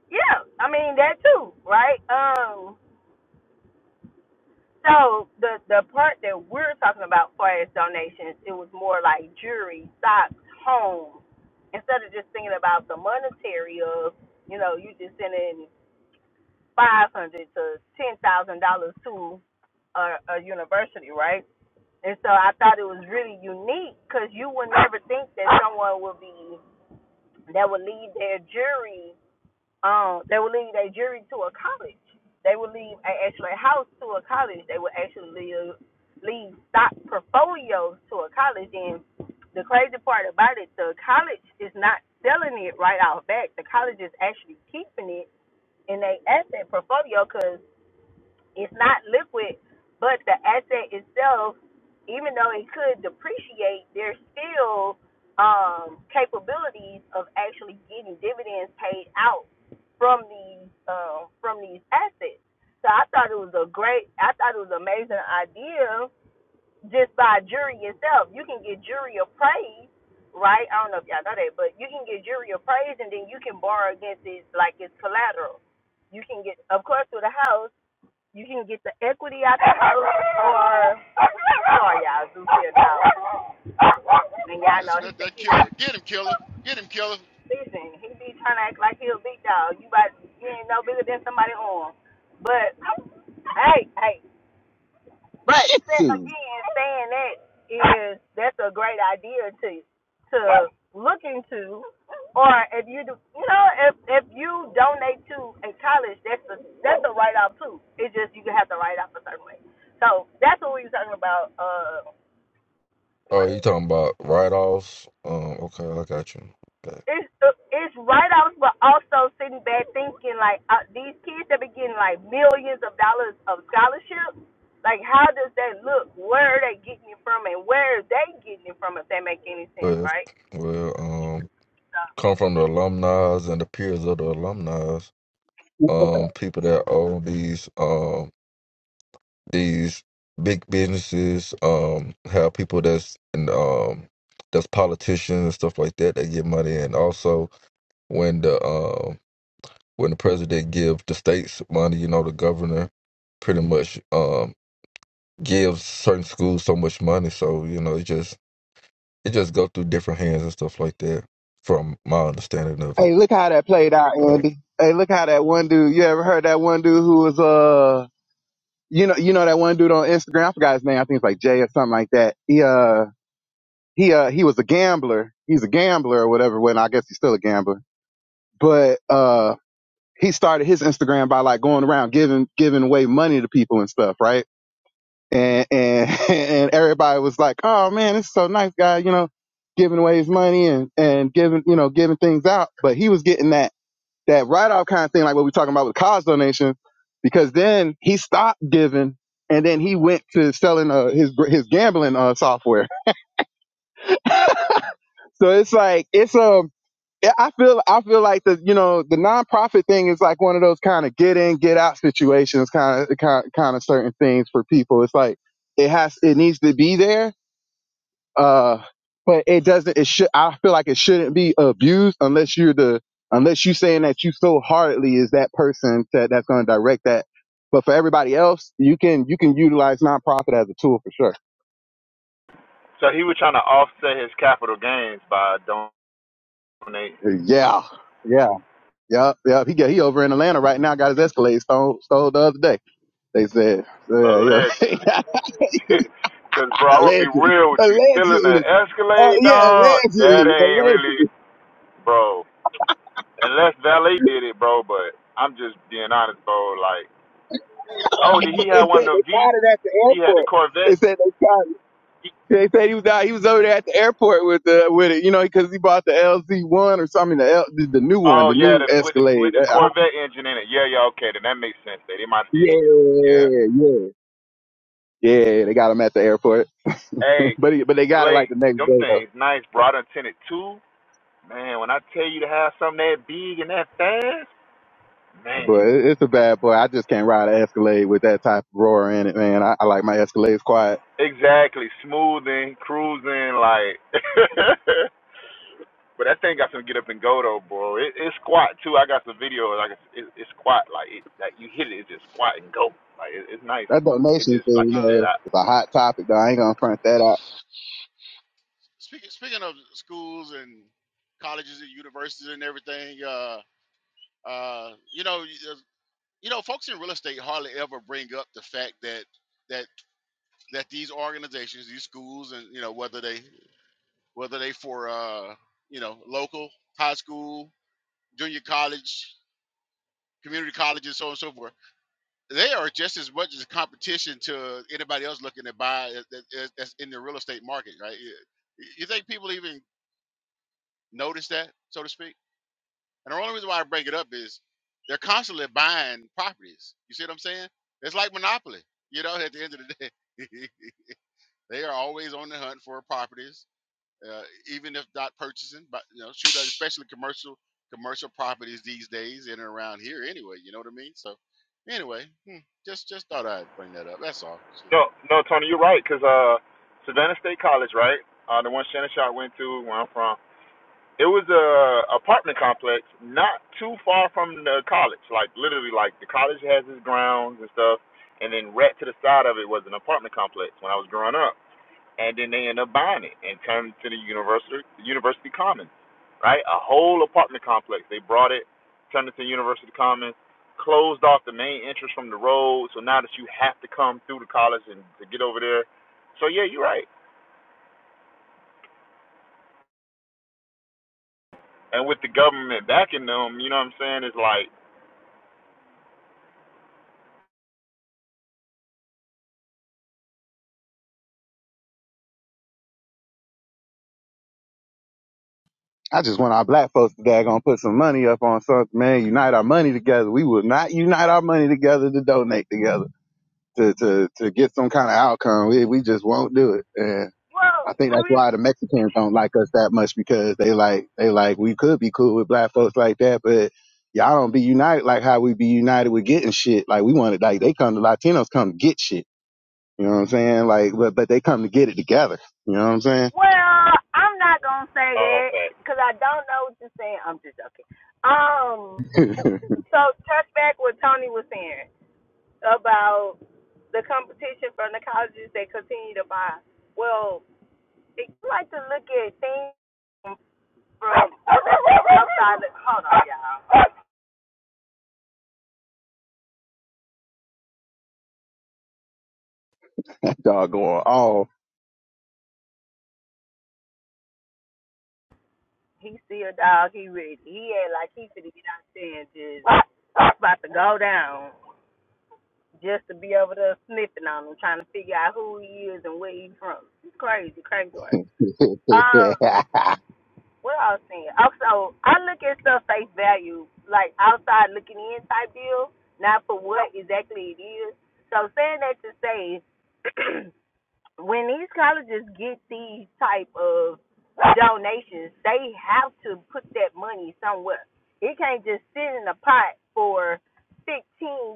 Speaker 2: yeah. I mean that too, right? Um, So the the part that we're talking about, far as donations, it was more like jewelry, socks, home. Instead of just thinking about the monetary of, you know, you just sending five hundred to ten thousand dollars to a, a university, right? And so I thought it was really unique because you would never think that someone would be that would leave their jury um, they would leave their jury to a college. They would leave a actual house to a college. They would actually leave, leave stock portfolios to a college. And the crazy part about it, the college is not selling it right out back. The college is actually keeping it in their asset portfolio because. It's not liquid, but the asset itself, even though it could depreciate, there's still um, capabilities of actually getting dividends paid out from these uh, from these assets. So I thought it was a great, I thought it was an amazing idea just by jury itself. You can get jury appraised, right? I don't know if y'all know that, but you can get jury appraised and then you can borrow against it like it's collateral. You can get, of course, with a house you can get the equity out the house or sorry y'all, Zuki a dog. And
Speaker 3: Ooh,
Speaker 2: y'all know
Speaker 3: Listen
Speaker 2: he
Speaker 3: to
Speaker 2: think
Speaker 3: that
Speaker 2: he
Speaker 3: killer. Get him, killer. Get him, killer.
Speaker 2: listen, he be trying to act like he a big dog. You about you ain't no bigger than somebody on. But hey, hey, But
Speaker 4: Shih Tzu.
Speaker 2: again, saying that is that's a great idea to to look into. Or if you do, you know, if if you donate to a college, that's a that's a write off too. It's just you have to write off a certain way. So that's what we were talking about. Uh, what
Speaker 6: Oh, you
Speaker 2: is
Speaker 6: talking about write-offs? Um, okay, I got you. Okay.
Speaker 2: it's it's write-offs, but also sitting back thinking like uh, these kids that be getting like millions of dollars of scholarships. Like, how does that look? Where are they getting it from, and where are they getting it from? If that make any sense,
Speaker 6: Well,
Speaker 2: right?
Speaker 6: well, um,
Speaker 2: So,
Speaker 6: come from the alumni and the peers of the alumni. Um, people that own these. um, these big businesses um have people that's and um that's politicians and stuff like that that get money and also when the um when the president give the states money you know the governor pretty much um gives certain schools so much money so you know it just it just go through different hands and stuff like that from my understanding of it
Speaker 4: Hey, look how that played out,
Speaker 6: Um,
Speaker 4: Andy. Hey, look how that one dude. You ever heard that one dude who was uh, you know, you know that one dude on Instagram. I forgot his name. I think it's like Jay or something like that. He uh, he uh, he was a gambler. He's a gambler or whatever. When I guess he's still a gambler but uh he started his Instagram by like going around giving giving away money to people and stuff, right? And and and everybody was like, "Oh man, this is so nice guy, you know, giving away his money and and giving, you know, giving things out." But he was getting that that write off kind of thing like what we're talking about with cause donations because then he stopped giving and then he went to selling uh, his his gambling uh, software. So it's like it's um Yeah, I feel I feel like the you know the nonprofit thing is like one of those kind of get in get out situations kind of kind kind of certain things for people. It's like it has it needs to be there, uh, but it doesn't. It should I feel like it shouldn't be abused unless you're the unless you saying that you so hardly is that person that that's going to direct that. But for everybody else, you can you can utilize nonprofit as a tool for sure.
Speaker 5: So he was trying to offset his capital gains by donating
Speaker 4: Yeah, yeah, yep, yep. He got he over in Atlanta right now. Got his Escalade stole stole the other day. They said, yeah, yeah.
Speaker 5: allegedly. Cause bro, I'm gonna be
Speaker 4: allegedly,
Speaker 5: real with you. Still in the
Speaker 4: allegedly, uh,
Speaker 5: Escalade,
Speaker 4: yeah,
Speaker 5: dog. That
Speaker 4: allegedly,
Speaker 5: ain't really,
Speaker 4: allegedly.
Speaker 5: bro. Unless Valet did it, bro, but I'm just being honest, bro. Like, oh, did he
Speaker 4: they
Speaker 5: have one
Speaker 4: said
Speaker 5: of
Speaker 4: they
Speaker 5: the V?
Speaker 4: caught it at the
Speaker 5: He had the
Speaker 4: airport. They
Speaker 5: Corvette.
Speaker 4: said they caught it.
Speaker 5: He,
Speaker 4: They said he was out. He was over there at the airport with the with it, you know, because he bought the LZ one or something, the, L, the the new one,
Speaker 5: oh
Speaker 4: the
Speaker 5: yeah,
Speaker 4: new
Speaker 5: the, with the with
Speaker 4: Escalade.
Speaker 5: the
Speaker 4: Uh, I-
Speaker 5: Corvette engine in it. Yeah, yeah, okay, then that makes sense. They, they might did. Yeah.
Speaker 4: yeah, yeah, yeah. They got him at the airport.
Speaker 5: Hey,
Speaker 4: But he, but they got it like
Speaker 5: Blake,
Speaker 4: the next
Speaker 5: them
Speaker 4: day though.
Speaker 5: things nice, bro. I done seen it too. Man, when I tell you to have something that big and that fast, man.
Speaker 4: But it, it's a bad boy. I just can't ride an Escalade with that type of roar in it, man. I, I like my Escalades quiet.
Speaker 5: Exactly, smoothing, cruising, like. But that thing got some get up and go though, bro. It, it's squat too. I got some video like it's, it, it's squat. Like it, like you hit it, it's just squat and go. Like it, it's nice.
Speaker 4: That
Speaker 5: It
Speaker 4: donation
Speaker 5: just
Speaker 4: thing,
Speaker 5: like
Speaker 4: you
Speaker 5: you
Speaker 3: Uh,
Speaker 5: said.
Speaker 4: know,
Speaker 5: I
Speaker 4: it's a hot topic though. I ain't gonna front that out.
Speaker 3: speaking speaking of schools and colleges and universities and everything, uh, uh, you know, you you know, folks in real estate hardly ever bring up the fact that that that these organizations, these schools, and you know whether they whether they for uh, you know local high school, junior college, community colleges, so on and so forth. They are just as much as a competition to anybody else looking to buy that's in the real estate market, right? You you think people even notice that, so to speak? And the only reason why I bring it up is they're constantly buying properties. You see what I'm saying? It's like monopoly. You know, at the end of the day, they are always on the hunt for properties uh, even if not purchasing, but you know, shoot, especially commercial commercial properties these days in and around here anyway. You know what I mean? So anyway, hmm, just just thought I'd bring that up. That's all. Shit.
Speaker 5: no no Tony, you're right. Cause uh Savannah State College, right? Uh, the one Shannon Shot went to, where I'm from. It was a apartment complex, not too far from the college. Like literally, like the college has its grounds and stuff, and then right to the side of it was an apartment complex when I was growing up. and then they end up buying it and turn it to the university university commons, right? A whole apartment complex. They brought it, turned it to university commons, closed off the main entrance from the road. So now that you have to come through the college and to get over there. So yeah, you're right. And with the government backing them, you know what I'm saying? It's like,
Speaker 4: I just want our black folks to going put some money up on something, man. Unite our money together. We will not unite our money together to donate together to to to get some kind of outcome. We we just won't do it. And
Speaker 2: Well,
Speaker 4: I think
Speaker 2: let
Speaker 4: that's
Speaker 2: me.
Speaker 4: why the Mexicans don't like us that much because they like they like we could be cool with black folks like that, but y'all don't be united like how we be united with getting shit. Like we wanted like they come the Latinos come to get shit. You know what I'm saying? Like but but they come to get it together. You know what I'm saying?
Speaker 2: Well, I'm not gonna say
Speaker 5: oh,
Speaker 2: that
Speaker 5: fact.
Speaker 2: because I don't know what you're saying. I'm just joking. Um, so touch back what Tony was saying about the competition from the colleges that continue to buy. Well, If you like to look at things from outside the hold on, y'all.
Speaker 4: that dog going off.
Speaker 2: He see a dog, he ready. He ain't like he finna get out there and just about to go down just to be over there sniffing on him, trying to figure out who he is and where he's from. It's crazy, crazy work. Um, what I was saying. Also, I look at stuff face value, like outside looking in type deal, not for what exactly it is. So saying that to say when these colleges get these type of donations, they have to put that money somewhere. It can't just sit in a pot for 15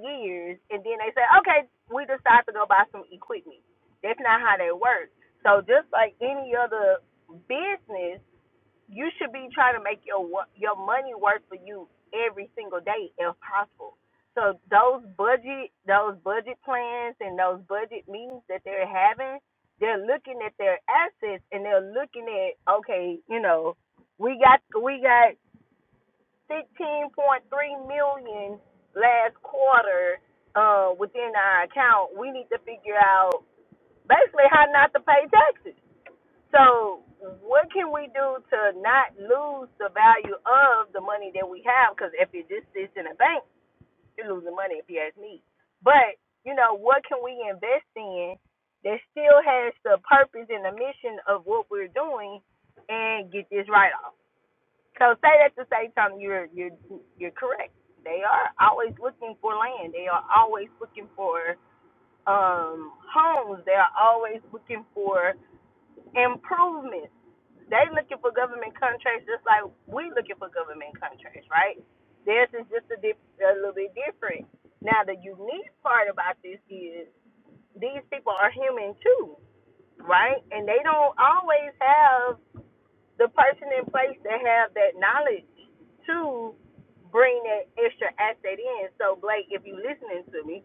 Speaker 2: years and then they say, okay, we decide to go buy some equipment. That's not how that works. So just like any other business, you should be trying to make your your money work for you every single day if possible. So those budget those budget plans and those budget meetings that they're having, they're looking at their assets and they're looking at okay, you know, we got we got 16.3 million last quarter uh within our account. We need to figure out basically how not to pay taxes so, what can we do to not lose the value of the money that we have? Because if it just sits in a bank, you're losing money if you ask me. But, you know, what can we invest in that still has the purpose and the mission of what we're doing and get this right off? So, say at the same time, you're, you're, you're correct. They are always looking for land, they are always looking for um, homes, they are always looking for improvements they looking for government contracts just like we looking for government contracts, right? Theirs is just a, dip, a little bit different. Now the unique part about this is these people are human too, right? And they don't always have the person in place that have that knowledge to bring that extra asset in. So Blake, if you listening to me,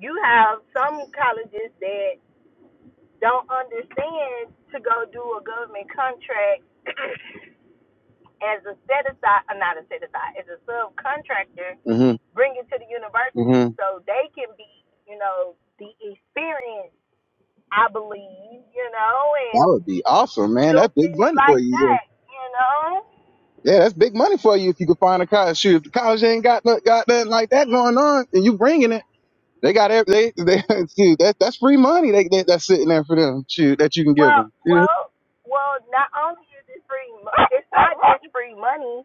Speaker 2: you have some colleges that don't understand to go do a government contract as a set aside, uh, not a set aside, as a subcontractor,
Speaker 4: hmm
Speaker 2: bring it to the university
Speaker 4: hmm
Speaker 2: so they can be, you know, the experience, I believe, you know,
Speaker 4: That
Speaker 2: and
Speaker 4: would be awesome, man.
Speaker 2: do
Speaker 4: That's big
Speaker 2: things
Speaker 4: money for
Speaker 2: like
Speaker 4: you.
Speaker 2: that, you know.
Speaker 4: Yeah, Yeah, that's big money for you if you could find a college. Shoot, if the college ain't got no- got nothing like that going on, and you bringing it, they got every they they shoot, that that's free money. They, they that's sitting there for them. Shoot, that you can give
Speaker 2: Well,
Speaker 4: them. Yeah.
Speaker 2: well, well, not only is it free, mo- it's not just free money,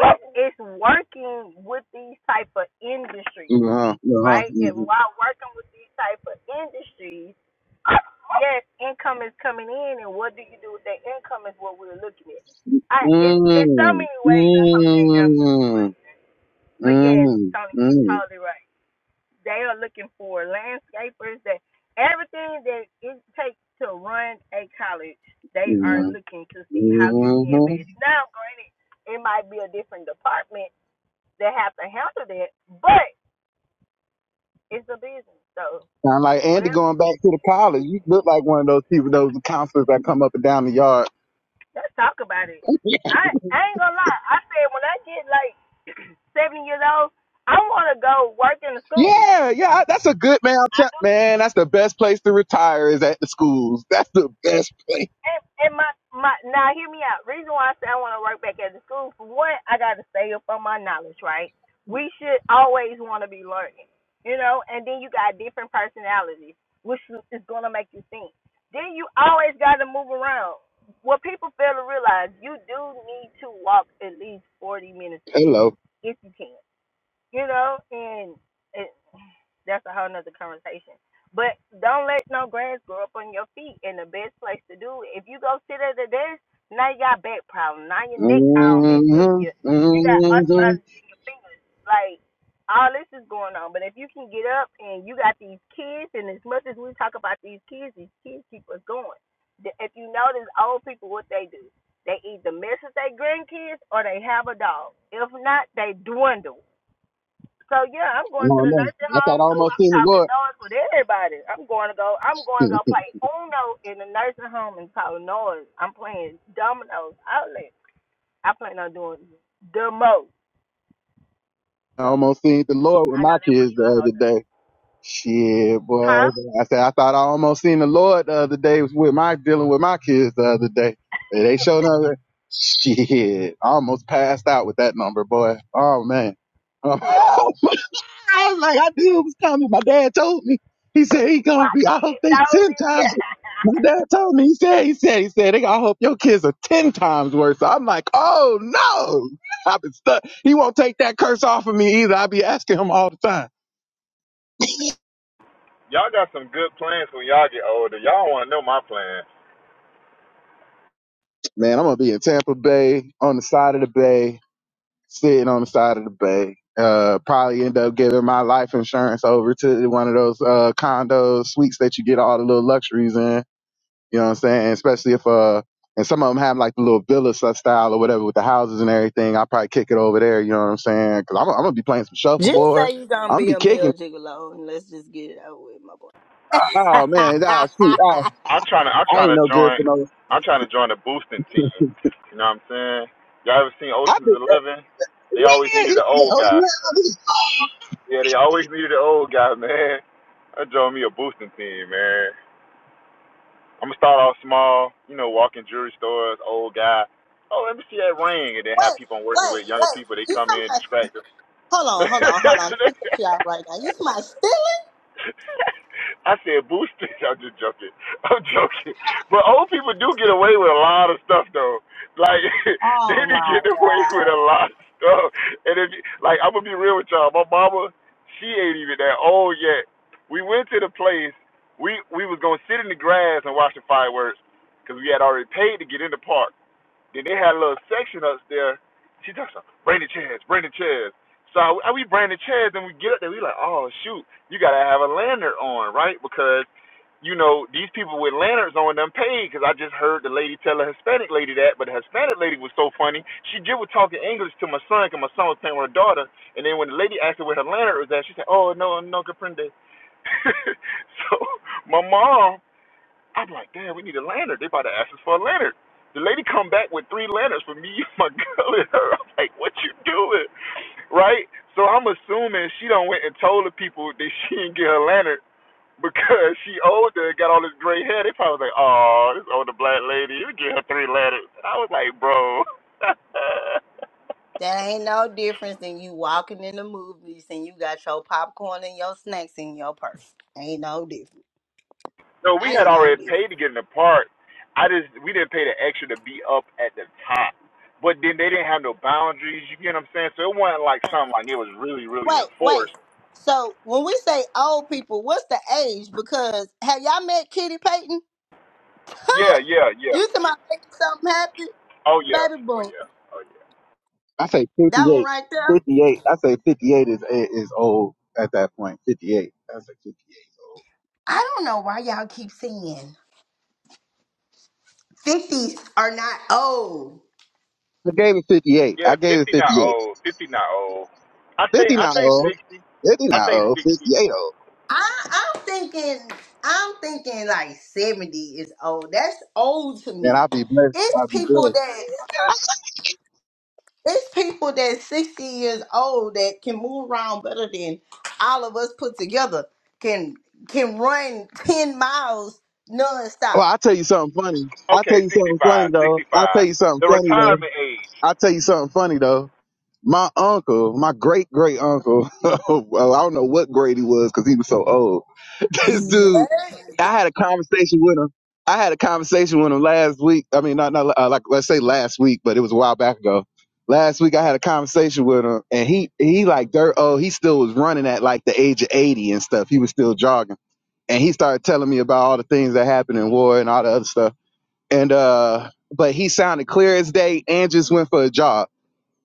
Speaker 2: it's, it's working with these type of industries.
Speaker 4: Uh-huh. Uh-huh.
Speaker 2: right? And
Speaker 4: Mm-hmm.
Speaker 2: while working with these type of industries, yes, income is coming in, and what do you do with that income is what we're looking at. I it's it's so
Speaker 4: Mm,
Speaker 2: many ways. I hope that answers the
Speaker 4: mm,
Speaker 2: question. But yes,
Speaker 4: mm,
Speaker 2: Tony, you're
Speaker 4: mm,
Speaker 2: totally right. They are looking for landscapers that everything that it takes to run a college. They are looking to see how can
Speaker 4: mm,
Speaker 2: we
Speaker 4: mm,
Speaker 2: invest. Now, granted, it might be a different department that have to handle that, but it's a business. So
Speaker 4: Sound like Andy
Speaker 2: whatever.
Speaker 4: going back to the college. You look like one of those people, those counselors that come up and down the yard.
Speaker 2: Let's talk about it. I I ain't gonna lie. I said when I get like seven years old, I want to go work in the school.
Speaker 4: Yeah, yeah, that's a good man. I'm
Speaker 2: I
Speaker 4: tell-
Speaker 2: do.
Speaker 4: Man, that's the best place to retire is at the schools. That's the best place.
Speaker 2: And and my my now hear me out. Reason why I say I want to work back at the school for one, I got to stay up on my knowledge. Right. We should always want to be learning. You know, and then you got different personalities, which is gonna make you think. Then you always got to move around. What people fail to realize, you do need to walk at least forty minutes a day,
Speaker 4: Hello.
Speaker 2: if you can you know, and it, that's a whole nother conversation. But don't let no grass grow up on your feet. And the best place to do it, if you go sit at the desk, now you got back problem. Now your neck all messed up. You
Speaker 4: Mm-hmm,
Speaker 2: you got
Speaker 4: mm-hmm.
Speaker 2: arthritis in your fingers. Like all this is going on. But if you can get up and you got these kids, and as much as we talk about these kids, these kids keep us going. The- If you notice, old people what they do, they either mess with their grandkids or they have a dog. If not, they dwindle so yeah, I'm
Speaker 4: I
Speaker 2: going to
Speaker 4: don't
Speaker 2: the
Speaker 4: know.
Speaker 2: nursing
Speaker 4: I thought
Speaker 2: home
Speaker 4: I
Speaker 2: too.
Speaker 4: almost
Speaker 2: I'm
Speaker 4: seen the
Speaker 2: talking
Speaker 4: Lord.
Speaker 2: noise with everybody. I'm going to go. I'm going to go play Uno in the nursing home and talk noise. I'm playing dominoes outlet. I plan on doing the most.
Speaker 4: I
Speaker 2: So
Speaker 4: almost seen the Lord with
Speaker 2: I know
Speaker 4: my
Speaker 2: that was
Speaker 4: kids
Speaker 2: a
Speaker 4: the
Speaker 2: whole nother-
Speaker 4: other day. Shit, boy. I
Speaker 2: Huh?
Speaker 4: said I thought I almost seen the Lord the other day with my dealing with my kids the other day. And They showed up. Shit, I almost passed out with that number, boy. Oh man. Um, I was like, I knew it was coming. My dad told me. He said he
Speaker 2: My
Speaker 4: gonna be. I hope
Speaker 2: dad
Speaker 4: they
Speaker 2: told
Speaker 4: ten
Speaker 2: me.
Speaker 4: times. My dad told me. He said. He said. He said. They I hope your kids are ten times worse. I'm like, oh no. I've been stuck. He won't take that curse off of me either. I be asking him all the time.
Speaker 5: Y'all got some good plans when y'all get older. Y'all want to know my plans.
Speaker 4: Man, I'm gonna be in Tampa Bay on the side of the bay, sitting on the side of the bay. Uh, probably end up giving my life insurance over to one of those uh condos, suites that you get all the little luxuries in. You know what I'm saying? Especially if uh, and some of them have like the little villa style or whatever with the houses and everything. I'll probably kick it over there. You know what I'm saying? Cause I'm, I'm gonna be playing some
Speaker 2: Just
Speaker 4: shuffleboard.
Speaker 2: say you're gonna
Speaker 4: I'm gonna
Speaker 2: be
Speaker 4: be
Speaker 2: a male
Speaker 4: kicking.
Speaker 2: gigolo and let's just get it over with, my boy.
Speaker 5: I
Speaker 4: Oh man, nah, shoot, I,
Speaker 5: I'm trying to I'm
Speaker 4: I
Speaker 5: trying
Speaker 4: ain't
Speaker 5: to
Speaker 4: no good
Speaker 5: join
Speaker 4: for no.
Speaker 5: I'm trying to join the boosting team. You know what I'm saying? Y'all ever seen
Speaker 4: I
Speaker 5: Ocean's
Speaker 4: be,
Speaker 5: Eleven? They always
Speaker 4: yeah, yeah,
Speaker 5: needed an old guy.
Speaker 4: yeah,
Speaker 5: Yeah, they always needed an old guy, man. I joined me a boosting team, man. I'm gonna start off small, you know, walking jewelry stores, old guy. Oh, let me see that ring, and then have
Speaker 2: wait,
Speaker 5: people I'm working
Speaker 2: wait,
Speaker 5: with, younger
Speaker 2: wait.
Speaker 5: people. They
Speaker 2: You
Speaker 5: come in,
Speaker 2: somebody.
Speaker 5: distract them.
Speaker 2: Hold on, hold on, hold on. Let me get you out right now. You somebody stealing?
Speaker 5: I said boosters. I'm just joking. I'm joking. But old people do get away with a lot of stuff though. Like they
Speaker 2: Oh
Speaker 5: be
Speaker 2: my
Speaker 5: getting away with
Speaker 2: god.
Speaker 5: a lot of stuff. And if like I'm gonna be real with y'all, my mama, she ain't even that old yet. We went to the place. We we was gonna sit in the grass and watch the fireworks because we had already paid to get in the park. Then they had a little section up there. She talks about bring the chairs, bring the chairs. So I, we bring the chairs and we get up there. We like, oh shoot, you gotta have a lantern on, right? Because you know these people with lanterns on them paid. Because I just heard the lady tell a Hispanic lady that, but the Hispanic lady was so funny. She just was talking English to my son, because my son was playing with her daughter. And then when the lady asked her where her lantern was at, she said, oh no, no comprende. so my mom I'm like, damn, we need a lantern. They about to ask us for a lantern. The lady come back with three lanterns for me, my girl, and her. I'm like, what you doing? Right? So I'm assuming she done went and told the people that she didn't get her lantern because she older and got all this gray hair. They probably was like, oh, this older black lady, you get her three lanterns. And I was like, bro.
Speaker 2: That ain't no difference than you walking in the movies and you got your popcorn and your snacks in your purse. Ain't no difference.
Speaker 5: No, we had
Speaker 2: Ain't no
Speaker 5: already
Speaker 2: difference.
Speaker 5: paid to get in the park. I just we didn't pay the extra to be up at the top. But then they didn't have no boundaries. You get what I'm saying? So it wasn't like something like it was really really
Speaker 2: Wait, wait.
Speaker 5: enforced.
Speaker 2: So when we say old people, what's the age? Because have y'all met Kitty Payton? Huh?
Speaker 5: Yeah, yeah, yeah.
Speaker 2: You talking about making something happen?
Speaker 5: Oh yeah,
Speaker 2: Baby
Speaker 5: oh
Speaker 2: boom.
Speaker 5: yeah, oh yeah.
Speaker 4: I say
Speaker 2: That one
Speaker 4: 58.
Speaker 2: right there.
Speaker 4: 58. I say 58 is eh, is old at that point. 58. I say 58 is old.
Speaker 2: I don't know why y'all keep saying fifties are not old.
Speaker 4: I gave it 58.
Speaker 5: Yeah,
Speaker 4: I gave it
Speaker 5: fifty not
Speaker 4: 58.
Speaker 5: old. Fifty not old. I think
Speaker 4: 50
Speaker 5: I
Speaker 4: not
Speaker 5: think
Speaker 4: old.
Speaker 5: sixty.
Speaker 4: 50
Speaker 5: I
Speaker 4: not
Speaker 5: think
Speaker 4: old.
Speaker 5: sixty.
Speaker 4: 58 old.
Speaker 2: I, I'm thinking, I'm thinking like seventy is old. That's old to
Speaker 4: And
Speaker 2: me.
Speaker 4: I'll be blessed.
Speaker 2: It's
Speaker 4: I'll be
Speaker 2: people
Speaker 4: blessed.
Speaker 2: that it's people that sixty years old that can move around better than all of us put together. Can can run ten miles nonstop.
Speaker 4: Well, I'll tell you something funny. I'll tell
Speaker 5: Okay,
Speaker 4: you something
Speaker 5: sixty-five.
Speaker 4: funny though. I'll tell
Speaker 5: Sixty-five.
Speaker 4: you something
Speaker 5: The
Speaker 4: funny though.
Speaker 5: retirement age.
Speaker 4: I'll tell you something funny though. My uncle, my great great uncle, well, I don't know what grade he was because he was so old this
Speaker 2: What?
Speaker 4: dude, I had a conversation with him. I had a conversation with him last week. I mean, not not uh, like let's say last week, but it was a while back ago. Last week, I had a conversation with him, and he he like dirt. Oh, he still was running at like the age of eighty and stuff. He was still jogging, and he started telling me about all the things that happened in war and all the other stuff. And uh, but he sounded clear as day, and just went for a jog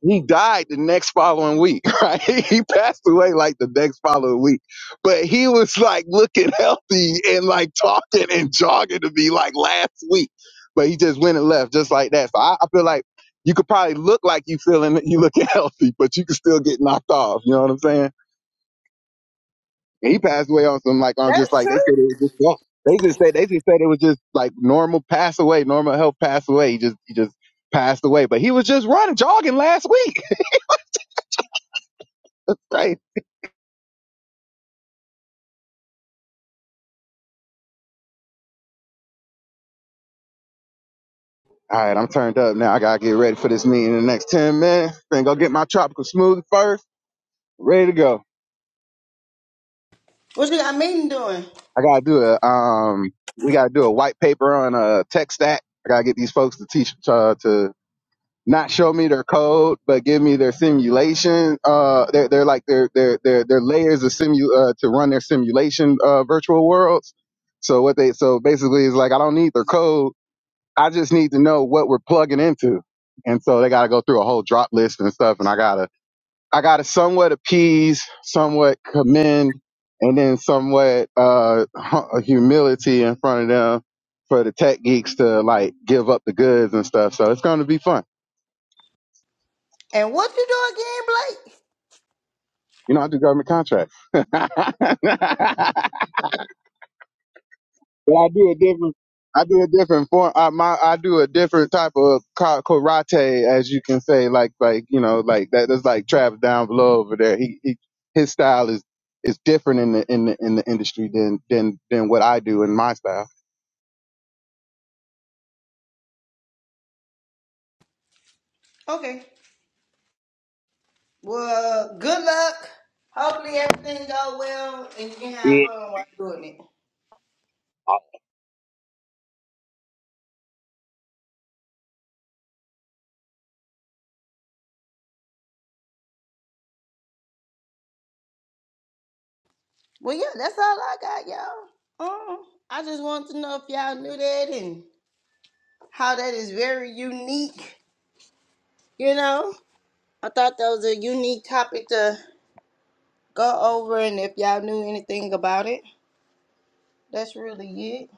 Speaker 4: he died the next following week, right? He passed away like the next following week. But he was like looking healthy and like talking and jogging to me like last week. But he just went and left just like that. So I, I feel like you could probably look like you feeling you looking healthy, but you could still get knocked off. You know what I'm saying? And he passed away on some like on just
Speaker 2: That's
Speaker 4: like
Speaker 2: true.
Speaker 4: they said it was just yeah, they just said they just said it was just like normal pass away, normal health pass away. He just he just passed away. But he was just running jogging last week. right? All right, I'm turned up now. I gotta get ready for this meeting in the next ten minutes. Then go get my tropical smoothie first. Ready to go.
Speaker 2: What you got meeting doing?
Speaker 4: I gotta do a um. We gotta do a white paper on a tech stack. I gotta get these folks to teach uh, to not show me their code, but give me their simulation. Uh, they're, they're like their their their their layers of simu uh, to run their simulation uh, virtual worlds. So what they so basically is like I don't need their code. I just need to know what we're plugging into. And so they gotta go through a whole drop list and stuff. And I gotta I gotta somewhat appease, somewhat commend, and then somewhat uh hu- humility in front of them for the tech geeks to like give up the goods and stuff. So it's gonna be fun.
Speaker 2: And what you do again, Blake?
Speaker 4: You know, I do government contracts. But I do a different, I do a different form. I my, I do a different type of ka- karate, as you can say, like like you know, like that. That's like Travis down below over there. He, he his style is is different in the in the in the industry than than than what I do in my style.
Speaker 2: Okay. Well, good luck. Hopefully everything go well and you can have fun while doing it. Well, yeah, that's all I got, y'all. Um, I just wanted to know if y'all knew that and how that is very unique. You know, I thought that was a unique topic to go over, and if y'all knew anything about it, that's really it.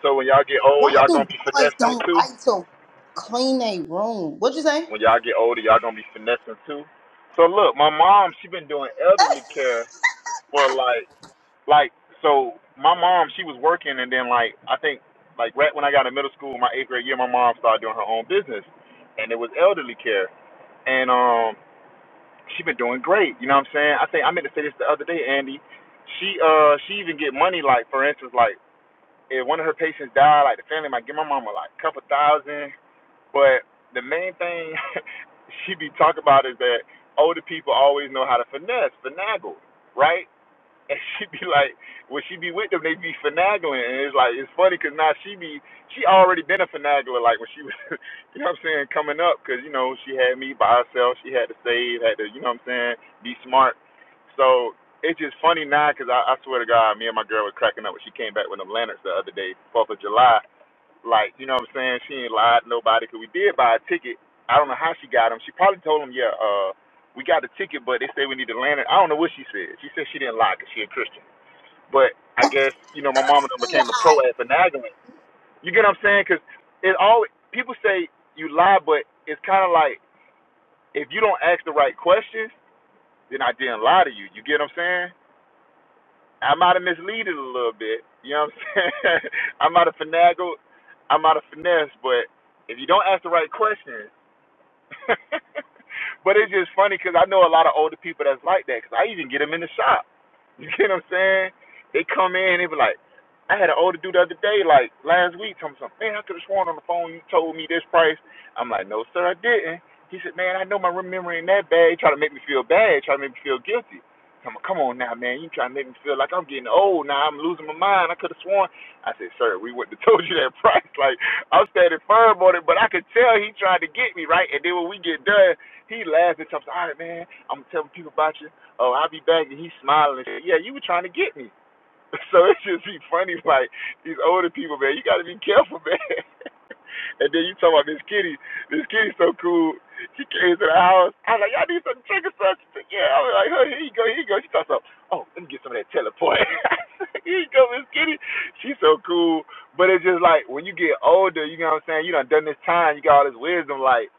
Speaker 5: So when y'all get old,
Speaker 2: Why
Speaker 5: y'all
Speaker 2: do
Speaker 5: gonna be
Speaker 2: boys
Speaker 5: finessing
Speaker 2: don't
Speaker 5: too.
Speaker 2: like to clean a room? What you say?
Speaker 5: When y'all get older, y'all gonna be finessing too. So look, my mom, she been doing elderly care for like, like, so my mom, she was working, and then like, I think like right when I got in middle school, my eighth grade year, my mom started doing her own business, and it was elderly care, and um, she been doing great. You know what I'm saying? I think I meant to say this the other day, Andy. She uh, she even get money like, for instance, like if one of her patients died, like the family might give my mama like a couple thousand but the main thing she be talking about is that older people always know how to finesse, finagle, right? And she be like, when she be with them, they be finagling, and it's like it's funny 'cause now she be she already been a finagler, like when she was, you know what I'm saying, coming up 'cause you know she had me by herself, she had to save, had to, you know what I'm saying, be smart. So it's just funny now 'cause I, I swear to God, me and my girl was cracking up when she came back with them lanterns the other day, Fourth of July like, you know what I'm saying? She ain't lied to nobody 'cause we did buy a ticket. I don't know how she got them. She probably told them, yeah, uh, we got the ticket, but they say we need to land it. I don't know what she said. She said she didn't lie 'cause she a Christian. But I guess, you know, my mama done became a pro
Speaker 2: Eli.
Speaker 5: at finagling. You get what I'm saying? 'Cause it always, people say you lie, but it's kind of like if you don't ask the right questions, then I didn't lie to you. You get what I'm saying? I might have misled it a little bit. You know what I'm saying? I might have finagled, I might have finessed, but if you don't ask the right questions, but it's just funny because I know a lot of older people that's like that. Because I even get them in the shop. You get what I'm saying? They come in, they be like, I had an older dude the other day, like last week, told me something. Man, I could have sworn on the phone you told me this price. I'm like, no, sir, I didn't. He said, man, I know my memory ain't that bad. He try to make me feel bad, try to make me feel guilty. I'm like, come on now, man. You trying to make me feel like I'm getting old now. I'm losing my mind. I could have sworn. I said, sir, we wouldn't have told you that price. Like, I'm standing firm on it, but I could tell he tried to get me, right? And then when we get done, he laughs and tells me, all right, man, I'm telling people about you. Oh, I'll be back. And he's smiling and shit. Yeah, you were trying to get me. So it just be funny, like these older people, man. You got to be careful, man. and then you talk about this kitty. This kitty's so cool. She came to the house. I was like, y'all need some chicken stuff. She said, yeah. I was like, oh, here you go, here you go. She starts up. Oh, let me get some of that teleport. here you go, Miss Kitty. She's so cool. But it's just like when you get older, you know what I'm saying. You done done this time. You got all this wisdom. Like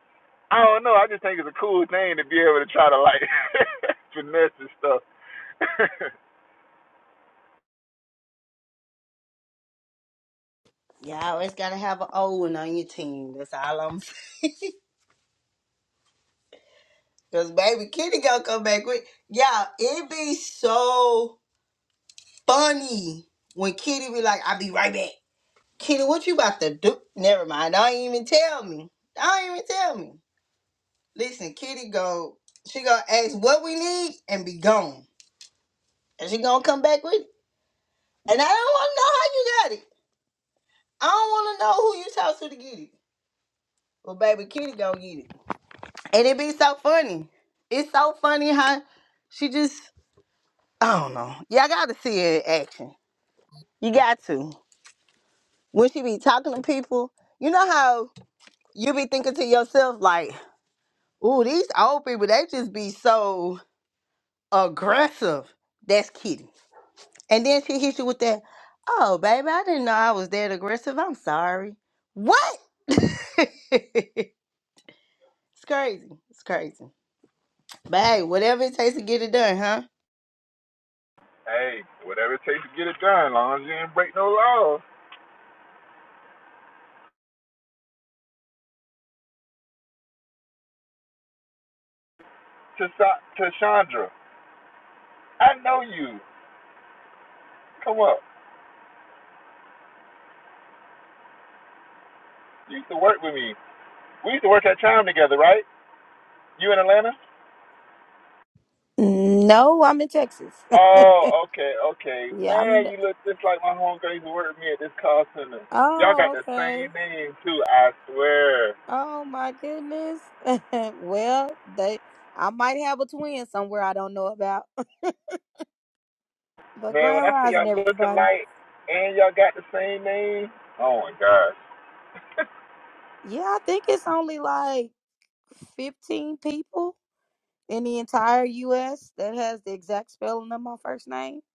Speaker 5: I don't know. I just think it's a cool thing to be able to try to like finesse and stuff.
Speaker 2: You always gotta have an old one on your team. That's all I'm. Cause baby, Kitty gonna come back with y'all. It be so funny when Kitty be like, I'll be right back. Kitty, what you about to do? Never mind. Don't even tell me. Don't even tell me. Listen, Kitty go, she gonna ask what we need and be gone. And she gonna come back with it. And I don't wanna know how you got it. I don't wanna know who you talk to to get it. Well, baby, Kitty gonna get it. And it be so funny. It's so funny how she just, I don't know. Y'all gotta see her in action. You got to. When she be talking to people, you know how you be thinking to yourself like, "Ooh, these old people, they just be so aggressive." That's Kitty. And then she hits you with that, "Oh, baby, I didn't know I was that aggressive. I'm sorry." What? it's crazy. It's crazy. But hey, whatever it takes to get it done, huh?
Speaker 5: Hey, whatever it takes to get it done, long as you didn't break no laws. Tasa- Tashandra, I know you. Come up. You used to work with me. We used to work at Chime together, right? You in Atlanta?
Speaker 7: No, I'm in Texas.
Speaker 5: Oh, okay, okay.
Speaker 7: yeah, I'm.
Speaker 5: Man, you look just like my homegirl used to work with me at this call center. Y'all got
Speaker 7: Oh,
Speaker 5: the
Speaker 7: okay.
Speaker 5: same name, too, I swear.
Speaker 7: Oh my goodness. well, they. I might have a twin somewhere I don't know about. But
Speaker 5: Man, when
Speaker 7: Grand
Speaker 5: I see
Speaker 7: Rising,
Speaker 5: y'all look
Speaker 7: everybody.
Speaker 5: alike and y'all got the same name, oh my gosh.
Speaker 7: Yeah, I think it's only like 15 people in the entire U.S. that has the exact spelling of my first name.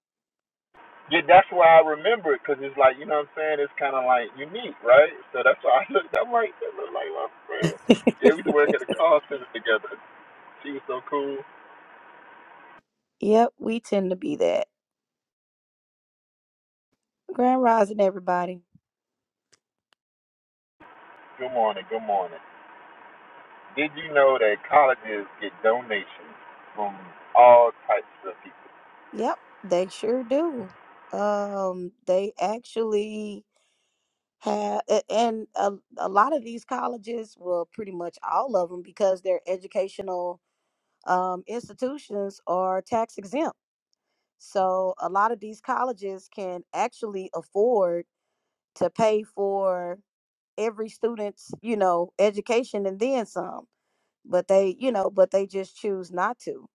Speaker 5: Yeah, that's why I remember it because it's like you know what I'm saying. It's kind of like unique, right? So that's why I looked. I'm like, that look like my friend. Yeah, we used to work at the call center together. She was so cool.
Speaker 7: Yep, we tend to be that. Grand Rising, everybody.
Speaker 5: Good morning. Good morning. Did you know that colleges get donations from all types of people?
Speaker 7: Yep, they sure do. Um, they actually have a- and a, a lot of these colleges well pretty much all of them because their educational um, institutions are tax exempt so a lot of these colleges can actually afford to pay for every student's you know education and then some but they you know but they just choose not to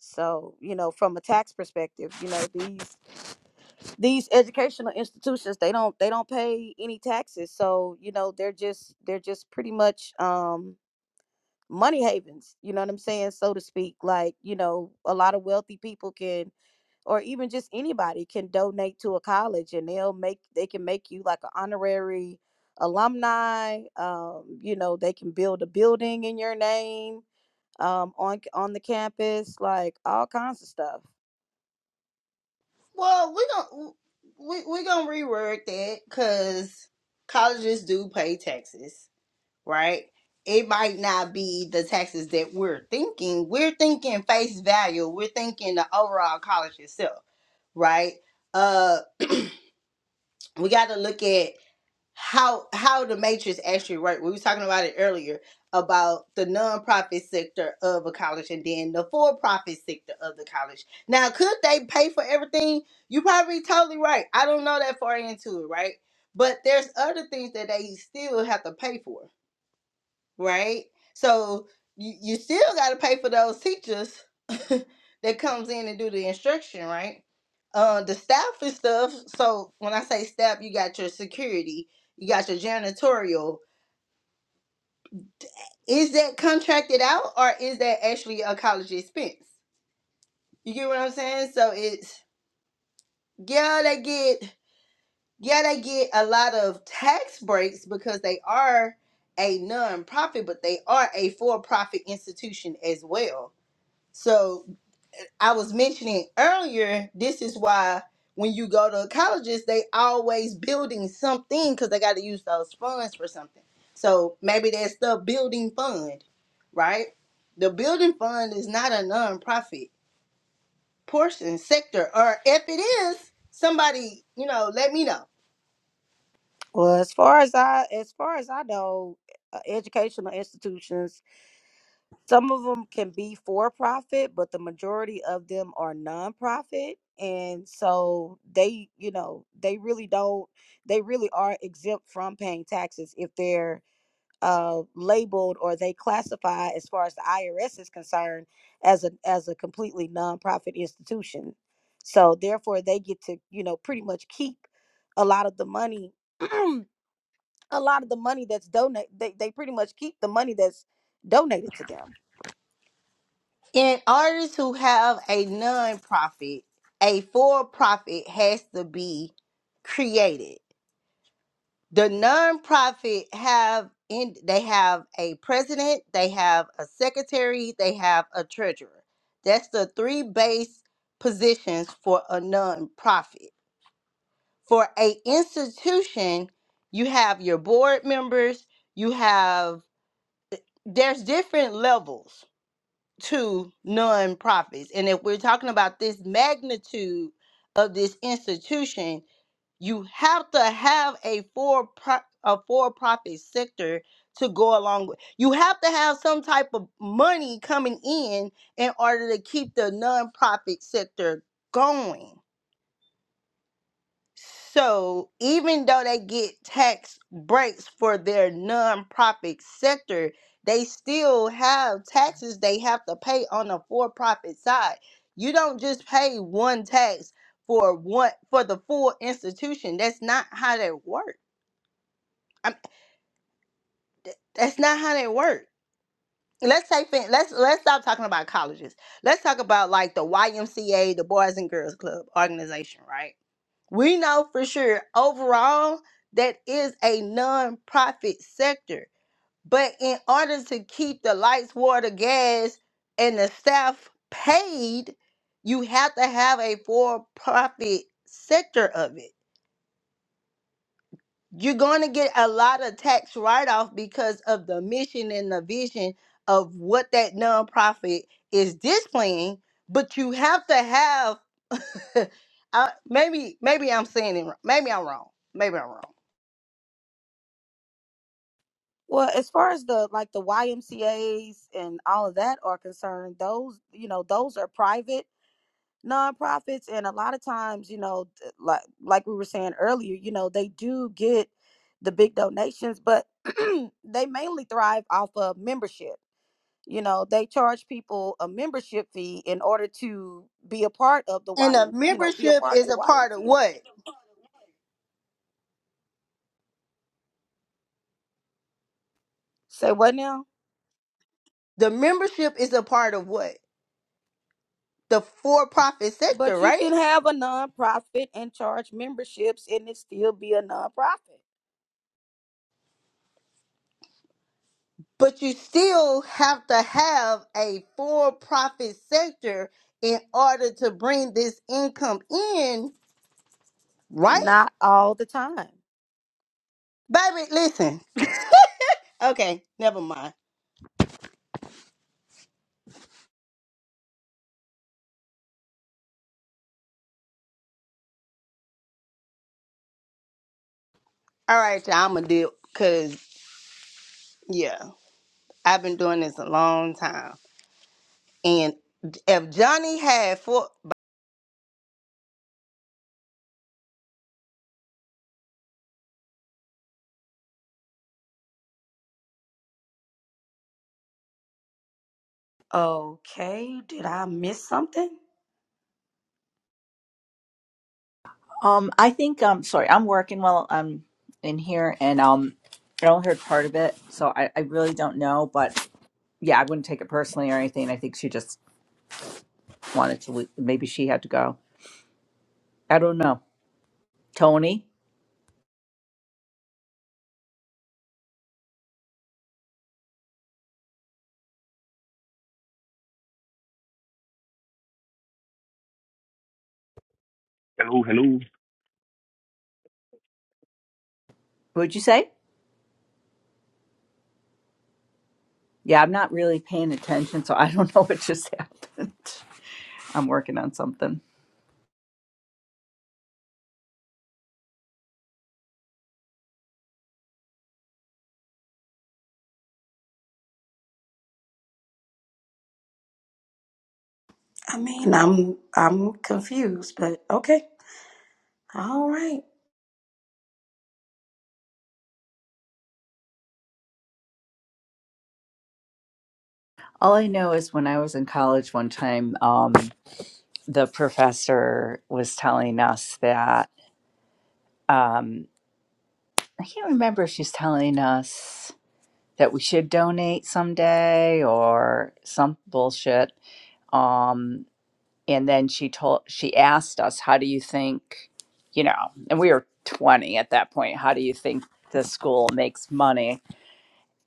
Speaker 7: so you know from a tax perspective you know these these educational institutions they don't they don't pay any taxes so you know they're just they're just pretty much um money havens you know what i'm saying so to speak like you know a lot of wealthy people can or even just anybody can donate to a college and they'll make they can make you like an honorary alumni um you know they can build a building in your name um on on the campus like all kinds of stuff
Speaker 2: Well, we gon' we we gonna reword that because colleges do pay taxes. right? It might not be the taxes that we're thinking. We're thinking face value. We're thinking the overall college itself, right? Uh, we got to look at how how the matrix actually work. We were talking about it earlier about the nonprofit sector of a college and then the for-profit sector of the college. Now, could they pay for everything? You probably totally right. I don't know that far into it, right? But there's other things that they still have to pay for right? So you, you still got to pay for those teachers that comes in and do the instruction, right? Uh, the staff and stuff. So when I say staff, you got your security, you got your janitorial. Is that contracted out or is that actually a college expense? You get what I'm saying? So it's yeah, they get yeah, they get a lot of tax breaks because they are a non-profit, but they are a for-profit institution as well. So I was mentioning earlier, this is why when you go to colleges, they always building something because they got to use those funds for something. So maybe that's the building fund, right? The building fund is not a nonprofit portion sector, or if it is, somebody you know let me know.
Speaker 7: Well, as far as I as far as I know, e, uh, educational institutions, some of them can be for profit, but the majority of them are nonprofit, and so they, you know, they really don't they really are exempt from paying taxes if they're uh, labeled or they classify as far as the IRS is concerned as a as a completely nonprofit institution. So therefore they get to, you know, pretty much keep a lot of the money a lot of the money that's donate they, they pretty much keep the money that's donated to them
Speaker 2: And artists who have a nonprofit, a for profit has to be created the nonprofit have in they have a president, they have a secretary, they have a treasurer. That's the three base positions for a nonprofit. For a institution, you have your board members, you have there's different levels to nonprofits. And if we're talking about this magnitude of this institution, you have to have a for pro- a for-profit sector to go along with. You have to have some type of money coming in in order to keep the nonprofit sector going. So even though they get tax breaks for their nonprofit sector, they still have taxes they have to pay on the for-profit side. You don't just pay one tax for one for the full institution. That's not how that works. I'm, that's not how they work. Let's say fin- let's let's stop talking about colleges. Let's talk about like the YMCA, the Boys and Girls Club organization, right? We know for sure overall that is a non-profit sector. But in order to keep the lights, water, gas, and the staff paid, you have to have a for-profit sector of it you're going to get a lot of tax write-off because of the mission and the vision of what that nonprofit is displaying but you have to have I, maybe maybe i'm saying it wrong maybe i'm wrong maybe i'm wrong
Speaker 7: well as far as the like the ymcas and all of that are concerned those you know those are private nonprofits and a lot of times you know th- like like we were saying earlier you know they do get the big donations but they mainly thrive off of membership you know they charge people a membership fee in order to be a part of the
Speaker 2: and
Speaker 7: ym
Speaker 2: the
Speaker 7: you know be a
Speaker 2: membership
Speaker 7: part of
Speaker 2: is
Speaker 7: the
Speaker 2: a part of
Speaker 7: ymca
Speaker 2: what
Speaker 7: say what now
Speaker 2: the membership is a part of what the for-profit sector
Speaker 7: But you
Speaker 2: right
Speaker 7: can have a nonprofit and charge memberships and it still be a nonprofit.
Speaker 2: but you still have to have a for-profit sector in order to bring this income in Right?
Speaker 7: Not all the time.
Speaker 2: Baby, listen. Okay, never mind. All right, y'all, I'm going to do because, yeah, I've been doing this a long time. And if Johnny had four.
Speaker 7: Okay, did I miss something?
Speaker 8: Um, I think um sorry, I'm working while I'm in here and um I only heard part of it, so I, I really don't know, but yeah, I wouldn't take it personally or anything. I think she just wanted to leave. maybe she had to go. I don't know. Tony, what'd you say? Yeah, I'm not really paying attention, so I don't know what just happened. I'm working on something.
Speaker 7: I mean, I'm I'm confused, but okay. All right.
Speaker 8: All I know is when I was in college one time, um, the professor was telling us that um, I can't remember if she's telling us that we should donate someday or some bullshit. Um, and then she told, she asked us, how do you think, you know, and we were 20 at that point, how do you think the school makes money?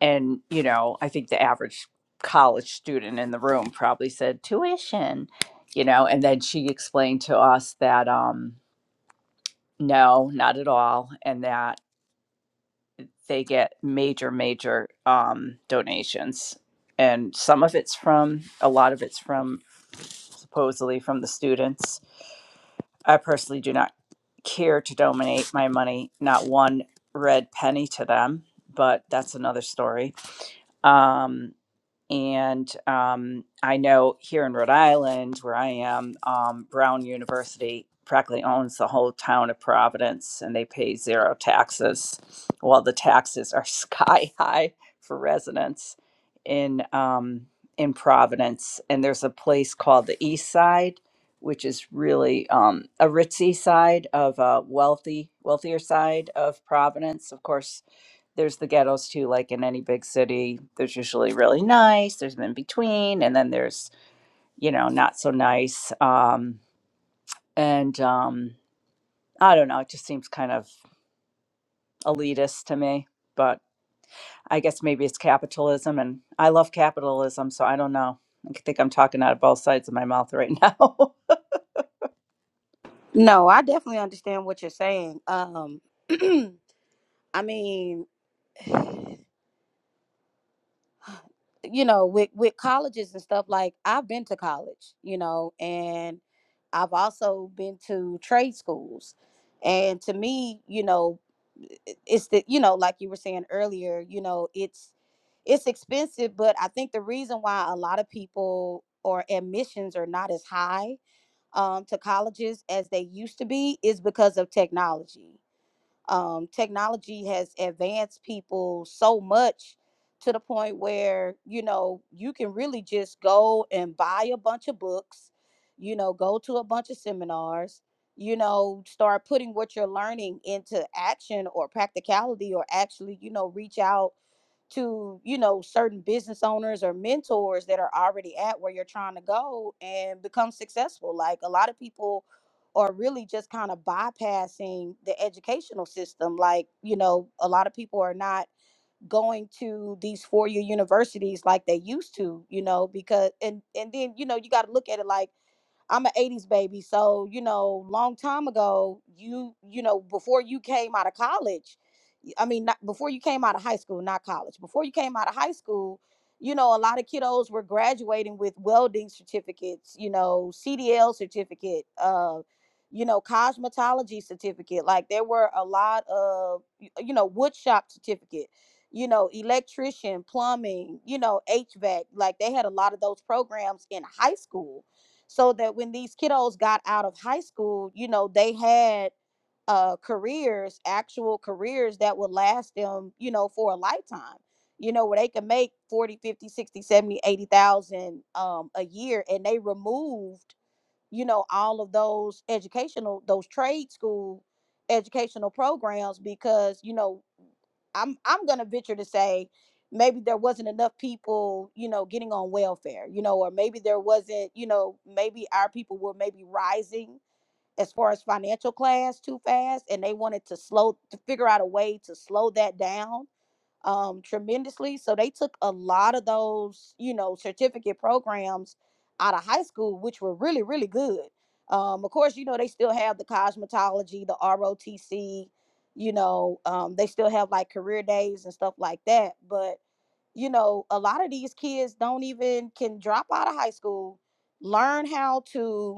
Speaker 8: And, you know, I think the average college student in the room probably said tuition, you know, and then she explained to us that, um, no, not at all. And that they get major, major um, donations. And some of it's from, a lot of it's from supposedly from the students. I personally do not care to donate my money, not one red penny to them, but that's another story. Um, and um, I know here in Rhode Island, where I am, um, Brown University practically owns the whole town of Providence and they pay zero taxes, while the taxes are sky high for residents in, um, in Providence. And there's a place called the East Side, which is really um, a ritzy side of a wealthy, wealthier side of Providence. Of course, there's the ghettos too like in any big city there's usually really nice there's in between and then there's you know not so nice um and um i don't know it just seems kind of elitist to me but i guess maybe it's capitalism and i love capitalism so i don't know i think i'm talking out of both sides of my mouth right now
Speaker 7: No, I definitely understand what you're saying. Um I mean you know with with colleges and stuff like i've been to college you know and i've also been to trade schools and to me you know i- it's the you know like you were saying earlier you know it's it's expensive but i think the reason why a lot of people or admissions are not as high um, to colleges as they used to be is because of technology um, technology has advanced people so much to the point where you know you can really just go and buy a bunch of books you know go to a bunch of seminars you know start putting what you're learning into action or practicality or actually you know reach out to you know certain business owners or mentors that are already at where you're trying to go and become successful like a lot of people are really just kind of bypassing the educational system like you know a lot of people are not going to these four year universities like they used to you know because and and then you know you got to look at it like I'm an 80s baby, so you know, long time ago, you you know, before you came out of college, y- I mean, not before you came out of high school, not college. Before you came out of high school, you know, a lot of kiddos were graduating with welding certificates, you know, CDL certificate, uh, you know, cosmetology certificate. Like there were a lot of y- you know, wood shop certificate, you know, electrician, plumbing, you know, HVAC. Like they had a lot of those programs in high school so that when these kiddos got out of high school, you know, they had uh, careers, actual careers that would last them, you know, for a lifetime, you know, where they can make 40, 50, 60, 70, 80,000 um, a year. And they removed, you know, all of those educational, those trade school educational programs because, you know, I'm I'm gonna venture to say maybe there wasn't enough people, you know, getting on welfare, you know, or maybe there wasn't, you know, maybe our people were maybe rising as far as financial class too fast and they wanted to slow to figure out a way to slow that down um, tremendously. So they took a lot of those, you know, certificate programs out of high school, which were really, really good. Um, of course, you know, they still have the cosmetology, the ROTC, you know, um, they still have like career days and stuff like that. But, you know, a lot of these kids don't even can drop out of high school, learn how to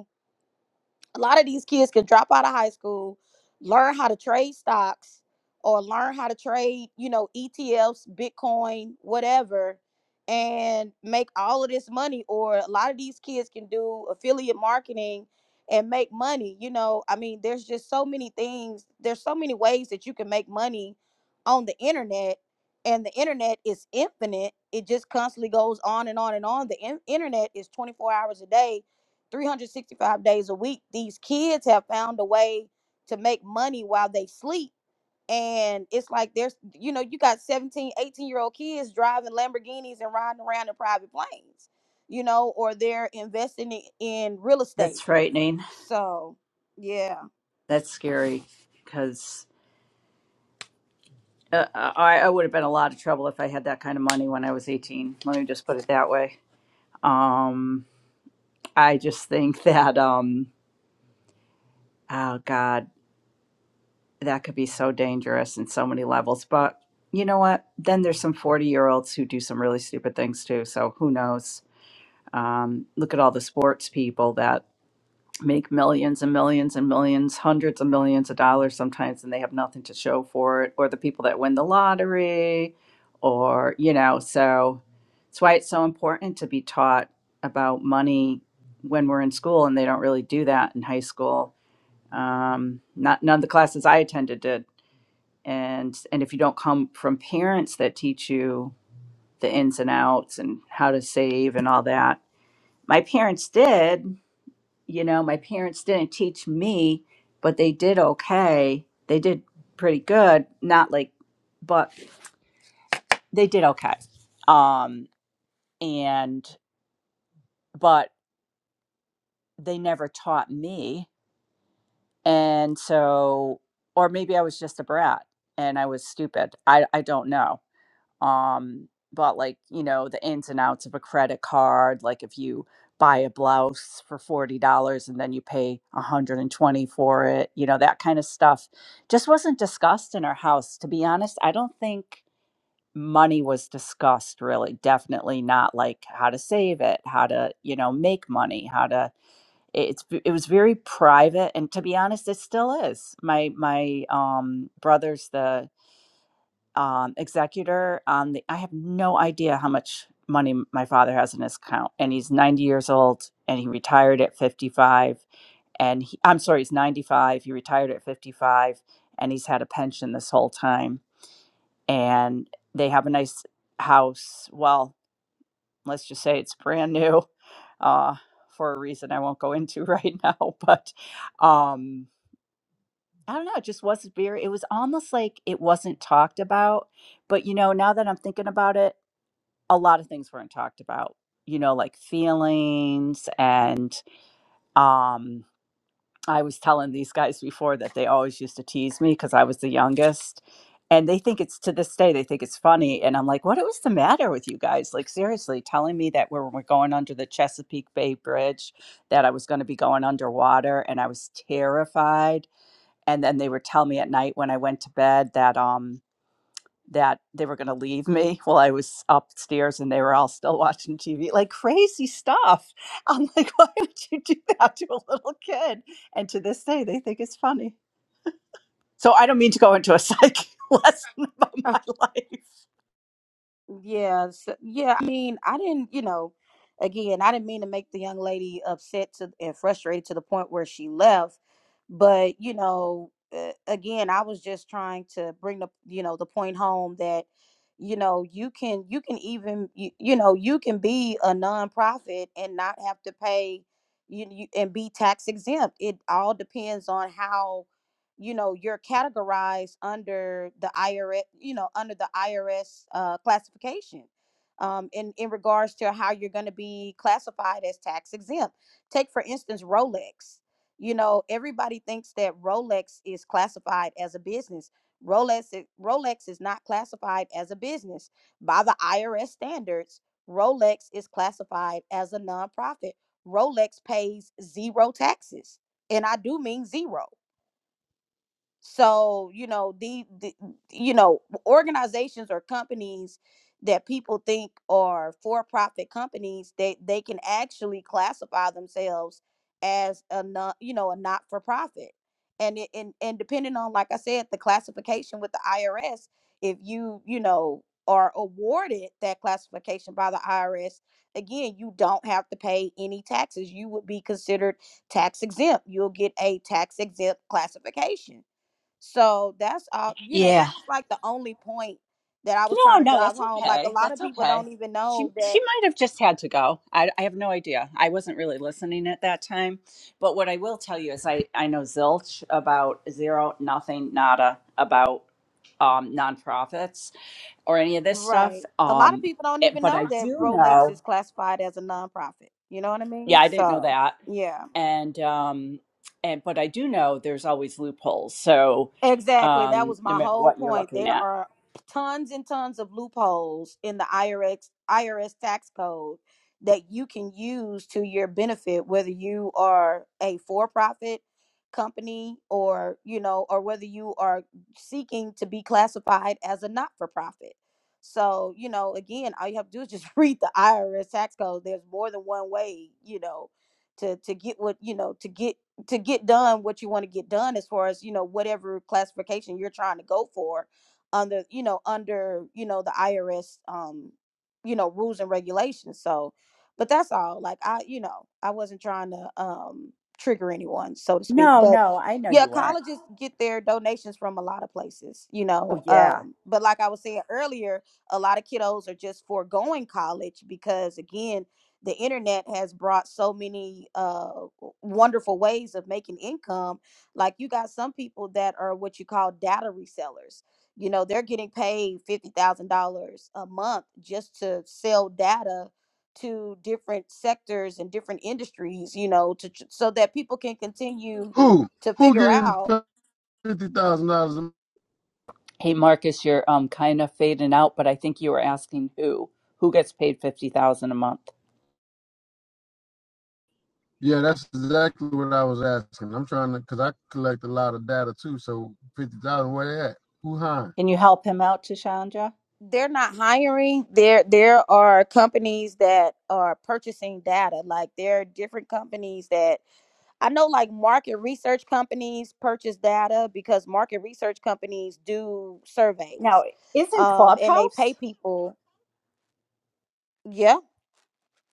Speaker 7: a lot of these kids can drop out of high school, learn how to trade stocks or learn how to trade, you know, ETFs, Bitcoin, whatever, and make all of this money. Or a lot of these kids can do affiliate marketing and make money. You know, I mean, there's just so many things, there's so many ways that you can make money on the internet. And the internet is infinite. It just constantly goes on and on and on. The in- internet is 24 hours a day 365 days a week these kids have found a way to make money while they sleep and it's like there's you know you got 1718 year old kids driving lamborghinis and riding around in private planes you know or they're investing i- in real estate
Speaker 8: that's frightening
Speaker 7: so yeah
Speaker 8: that's scary because uh, I, I would have been in a lot of trouble if i had that kind of money when i was 18 let me just put it that way um I just think that, um, oh God, that could be so dangerous in so many levels. But you know what? Then there's some 40 year olds who do some really stupid things too. So who knows? Um, look at all the sports people that make millions and millions and millions, hundreds of millions of dollars sometimes, and they have nothing to show for it, or the people that win the lottery, or, you know, so it's why it's so important to be taught about money when we're in school, and they don't really do that in high school um, not none of the classes I attended did. And and if you don't come from parents that teach you the ins and outs and how to save and all that, my parents did. You know, my parents didn't teach me, but they did okay. They did pretty good. Not like, but they did okay. Um, and but they never taught me, and so or maybe I was just a brat and I was stupid. I I don't know um but like you know the ins and outs of a credit card like if you buy a blouse for $40 and then you pay 120 for it you know that kind of stuff just wasn't discussed in our house to be honest i don't think money was discussed really definitely not like how to save it how to you know make money how to it's it was very private and to be honest it still is my my um brother's the um, executor on the. I have no idea how much money my father has in his account, and he's 90 years old, and he retired at 55. And he, I'm sorry, he's 95. He retired at 55, and he's had a pension this whole time. And they have a nice house. Well, let's just say it's brand new, uh, for a reason I won't go into right now. But um, I don't know. It just wasn't very. It was almost like it wasn't talked about. But you know, now that I'm thinking about it a lot of things weren't talked about you know like feelings and um i was telling these guys before that they always used to tease me because i was the youngest and they think it's to this day they think it's funny and i'm like what was the matter with you guys like seriously telling me that we're, we're going under the chesapeake bay bridge that i was going to be going underwater and i was terrified and then they would tell me at night when i went to bed that um that they were going to leave me while I was upstairs and they were all still watching TV, like crazy stuff. I'm like, why would you do that to a little kid? And to this day, they think it's funny. So I don't mean to go into a psychic lesson about my life.
Speaker 7: Yeah, so, yeah. I mean, I didn't, you know, again, I didn't mean to make the young lady upset to and frustrated to the point where she left. But you know, uh, again, I was just trying to bring the, you know, the point home that, you know, you can you can even you, you know you can be a nonprofit and not have to pay you, you and be tax exempt. It all depends on how you know you're categorized under the IRS, you know, under the IRS uh, classification. Um, in in regards to how you're going to be classified as tax exempt. Take for instance Rolex. You know, everybody thinks that Rolex is classified as a business. Rolex i- Rolex is not classified as a business by the IRS standards. Rolex is classified as a nonprofit. Rolex pays zero taxes, and I do mean zero so, you know, the, the you know, organizations or companies that people think are for-profit companies, they they can actually classify themselves as a non, you know, a not-for-profit. And it, and and depending on like I said, the classification with the IRS, if you, you know, are awarded that classification by the IRS, again, you don't have to pay any taxes. You would be considered tax exempt. You'll get a tax exempt classification so that's all, you know,
Speaker 8: Yeah.
Speaker 7: that was like the only point that I was
Speaker 8: No,
Speaker 7: trying to
Speaker 8: no,
Speaker 7: drive
Speaker 8: that's
Speaker 7: home. Like a
Speaker 8: okay.
Speaker 7: lot of
Speaker 8: That's
Speaker 7: people
Speaker 8: okay.
Speaker 7: don't even
Speaker 8: She
Speaker 7: know that,
Speaker 8: she might have just had to go. I, I have no idea. I wasn't really listening at that time. But what I will tell you is I, I know zilch about zero, nothing, nada about um, nonprofits or any of this
Speaker 7: right?
Speaker 8: stuff.
Speaker 7: A lot of
Speaker 8: Um,
Speaker 7: people don't
Speaker 8: it,
Speaker 7: even
Speaker 8: but I
Speaker 7: know that
Speaker 8: do
Speaker 7: Rolex
Speaker 8: know,
Speaker 7: is classified as a nonprofit. You know what I
Speaker 8: yeah,
Speaker 7: mean?
Speaker 8: I didn't know
Speaker 7: So,
Speaker 8: that.
Speaker 7: yeah.
Speaker 8: And um, and but I do know there's always loopholes. So
Speaker 7: Exactly. That
Speaker 8: um,
Speaker 7: was
Speaker 8: no
Speaker 7: my
Speaker 8: matter
Speaker 7: whole
Speaker 8: what you're
Speaker 7: point.
Speaker 8: looking
Speaker 7: There
Speaker 8: at.
Speaker 7: are tons and tons of loopholes in the IRS IRS tax code that you can use to your benefit, whether you are a for-profit company or, you know, or whether you are seeking to be classified as a not-for-profit. So, you know, again, all you have to do is just read the IRS tax code. There's more than one way, you know, to to get what, you know, to get to get done what you want to get done as far as you know whatever classification you're trying to go for under you know under you know the IRS um you know rules and regulations so but that's all like I you know I wasn't trying to um trigger anyone so to speak
Speaker 8: No,
Speaker 7: but
Speaker 8: no, I know
Speaker 7: yeah
Speaker 8: you weren't.
Speaker 7: colleges get their donations from a lot of places you know
Speaker 8: Oh yeah.
Speaker 7: um but like I was saying earlier a lot of kiddos are just foregoing college because again the internet has brought so many uh wonderful ways of making income like you got some people that are what you call data resellers you know they're getting paid $50000 a month just to sell data to different sectors and different industries you know to tr- so that people can continue
Speaker 9: Who?
Speaker 7: to
Speaker 9: Who
Speaker 7: figure
Speaker 9: getting
Speaker 7: out
Speaker 9: fifty thousand dollars?
Speaker 8: Hey Marcus, you're um kind of fading out, but I think you were asking who who gets paid fifty thousand a month.
Speaker 9: Yeah, that's exactly what I was asking. I'm trying to, cause I collect a lot of data too. So fifty thousand, where they at? Who hiring?
Speaker 8: Can you help him out, Tashandra?
Speaker 7: they're not hiring there there are companies that are purchasing data like there are different companies that I know like market research companies purchase data because market research companies do
Speaker 8: Now,
Speaker 7: surveys.
Speaker 8: isn't
Speaker 7: Um and they pay
Speaker 8: Clubhouse?
Speaker 7: people. yeah,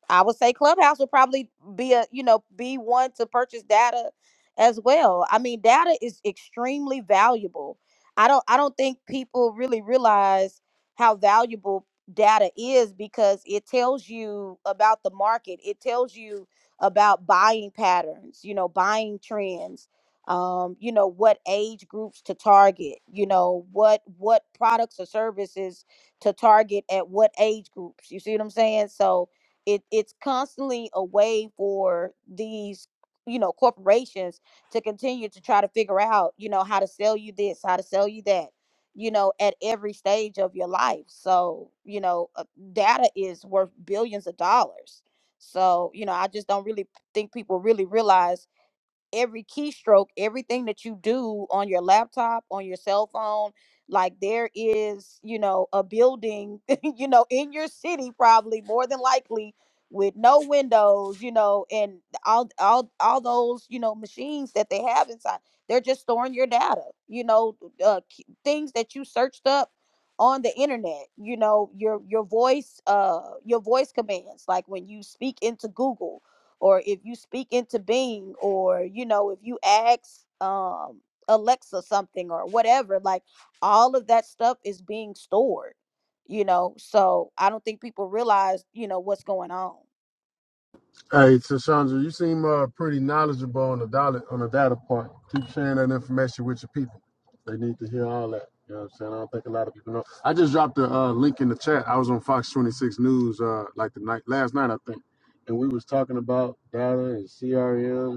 Speaker 7: I would say Clubhouse would probably be a, you know, be one to purchase data as well. I mean, data is extremely valuable. I don't I don't think people really realize how valuable data is because it tells you about the market. It tells you about buying patterns, you know, buying trends, um, you know, what age groups to target, you know, what what products or services to target at what age groups. You see what I'm saying? So, it it's constantly a way for these you know corporations to continue to try to figure out you know how to sell you this how to sell you that you know at every stage of your life so you know uh, data is worth billions of dollars so you know i just don't really think people really realize every keystroke, everything that you do on your laptop, on your cell phone, like there is, you know, a building, you know, in your city probably more than likely with no windows, you know, and all all all those, you know, machines that they have inside. They're just storing your data, you know, uh, k- things that you searched up on the internet, you know, your your voice uh your voice commands like when you speak into Google or if you speak into being or you know if you ask um alexa something or whatever like all of that stuff is being stored you know so i don't think people realize you know what's going on
Speaker 9: Hey, Tashandra, you seem uh, pretty knowledgeable on the dollar on the data part. Keep sharing that information with your people. They need to hear all that. You know what I'm saying? I don't think a lot of people know. I just dropped the uh, link in the chat. I was on Fox 26 News uh, like the night last night, I think, and we was talking about data and CRM